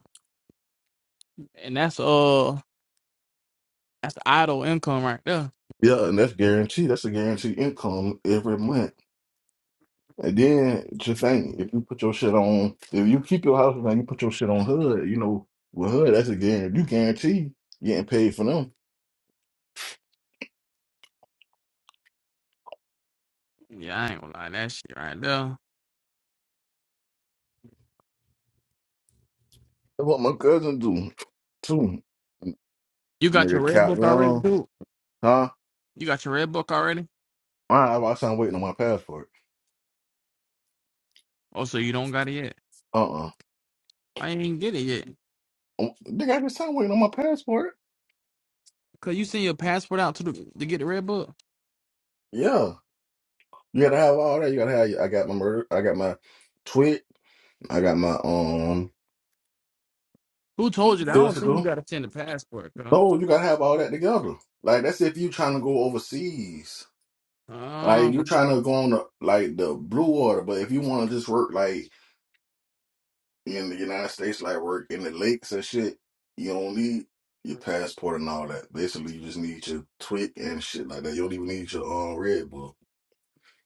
[SPEAKER 7] and that's uh, that's idle income right there.
[SPEAKER 12] Yeah, and that's guaranteed. That's a guaranteed income every month. And then just think if you put your shit on, if you keep your house and you put your shit on HUD, you know, with HUD, that's a guarantee. You guarantee getting paid for them.
[SPEAKER 7] Yeah, I ain't gonna lie, that shit right there.
[SPEAKER 12] That's what my cousin do too.
[SPEAKER 7] You got your
[SPEAKER 12] Nigga,
[SPEAKER 7] red
[SPEAKER 12] Cap
[SPEAKER 7] book already,
[SPEAKER 12] Young,
[SPEAKER 7] dude.
[SPEAKER 12] huh?
[SPEAKER 7] You got your red book already.
[SPEAKER 12] I have my time waiting on my passport.
[SPEAKER 7] Oh, so you don't got it yet?
[SPEAKER 12] Uh uh
[SPEAKER 7] I ain't get it yet.
[SPEAKER 12] Nigga, I got time waiting on my passport.
[SPEAKER 7] Cause you send your passport out to the to get the red book.
[SPEAKER 12] Yeah, you gotta have all that. You gotta have. I got my murder. I got my twit. I got my um
[SPEAKER 7] Who told you that? I don't think you
[SPEAKER 12] physical.
[SPEAKER 7] gotta send a passport,
[SPEAKER 12] No,
[SPEAKER 7] huh?
[SPEAKER 12] you gotta have all that together. Like that's if you trying to go overseas. Like you
[SPEAKER 7] Um,
[SPEAKER 12] trying to go on the, like the blue water, but if you want to just work like in the United States, like work in the lakes and shit, you don't need your passport and all that. Basically, you just need your twit and shit like that. You don't even need your um red book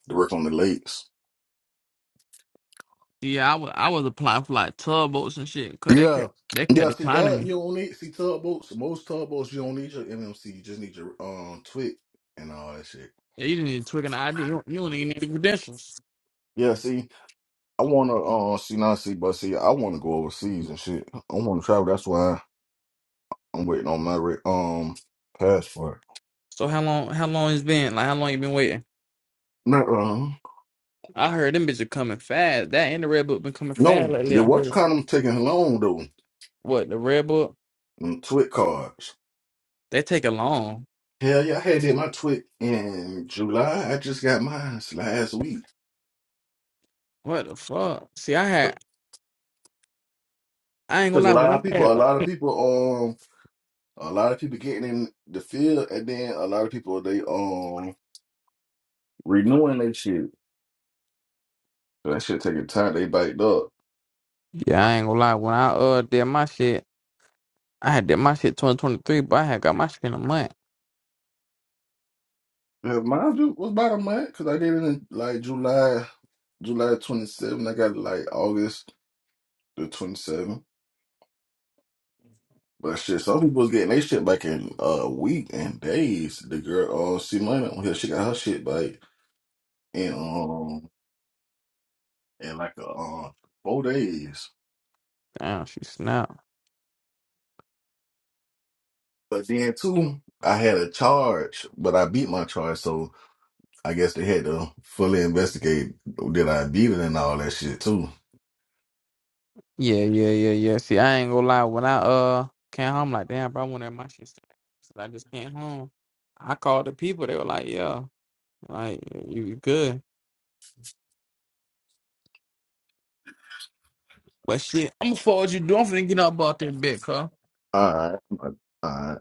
[SPEAKER 12] to work on the lakes.
[SPEAKER 7] yeah, I was I was applying for like tub boats and shit. Cause they
[SPEAKER 12] Yeah.
[SPEAKER 7] kept they kept
[SPEAKER 12] Yeah, see
[SPEAKER 7] declining me.
[SPEAKER 12] that you don't need see tub boats. Most tub boats you don't need your MMC, you just need your um twig and all that shit.
[SPEAKER 7] Yeah, you didn't even twig an ID. You don't, you don't even need the credentials.
[SPEAKER 12] Yeah, see, I wanna uh see not see but see I wanna go overseas and shit. I wanna travel, that's why I'm waiting on my re- um passport.
[SPEAKER 7] So how long? How long it's been? Like how long you been waiting?
[SPEAKER 12] Not um
[SPEAKER 7] I heard them bitches coming fast. That and the red book been coming fast
[SPEAKER 12] no,
[SPEAKER 7] lately.
[SPEAKER 12] the
[SPEAKER 7] I
[SPEAKER 12] watch
[SPEAKER 7] heard
[SPEAKER 12] kind of taking long though.
[SPEAKER 7] what the red book
[SPEAKER 12] Them twig cards.
[SPEAKER 7] they take a long.
[SPEAKER 12] Hell yeah, I had did my Twit in July. I just got mine last week.
[SPEAKER 7] What the fuck? See, I had I ain't
[SPEAKER 12] Cause
[SPEAKER 7] gonna
[SPEAKER 12] a
[SPEAKER 7] lie
[SPEAKER 12] lot
[SPEAKER 7] when
[SPEAKER 12] of
[SPEAKER 7] I
[SPEAKER 12] people, a
[SPEAKER 7] had
[SPEAKER 12] lot of people, um, A lot of people getting in the field, and then a lot of people they um renewing their shit. So That shit taking time. They biked up.
[SPEAKER 7] yeah I ain't gonna lie when I uh did my shit I had did my shit 2023 but I had got my shit in a month.
[SPEAKER 12] Yeah, mine ju- was about a month because I did it in like July, July twenty seventh. I got it like August the twenty seventh. But shit, some people was getting their shit back in a week and days. The girl, uh, C Money on here, she got her shit back in um in like a, um four days.
[SPEAKER 7] Damn, she snapped.
[SPEAKER 12] But then too, I had a charge, but I beat my charge, so. I guess they had to fully investigate did I beat it and all that shit too.
[SPEAKER 7] Yeah, yeah, yeah, yeah. See, I ain't gonna lie. When I uh came home, like, damn, bro, I want to have my shit. stacked." So I just came home. I called the people. They were like, yeah, like, you you good. But shit, I'm gonna forward you. do. I'm finna get up about that bit, huh?
[SPEAKER 12] All right, all right.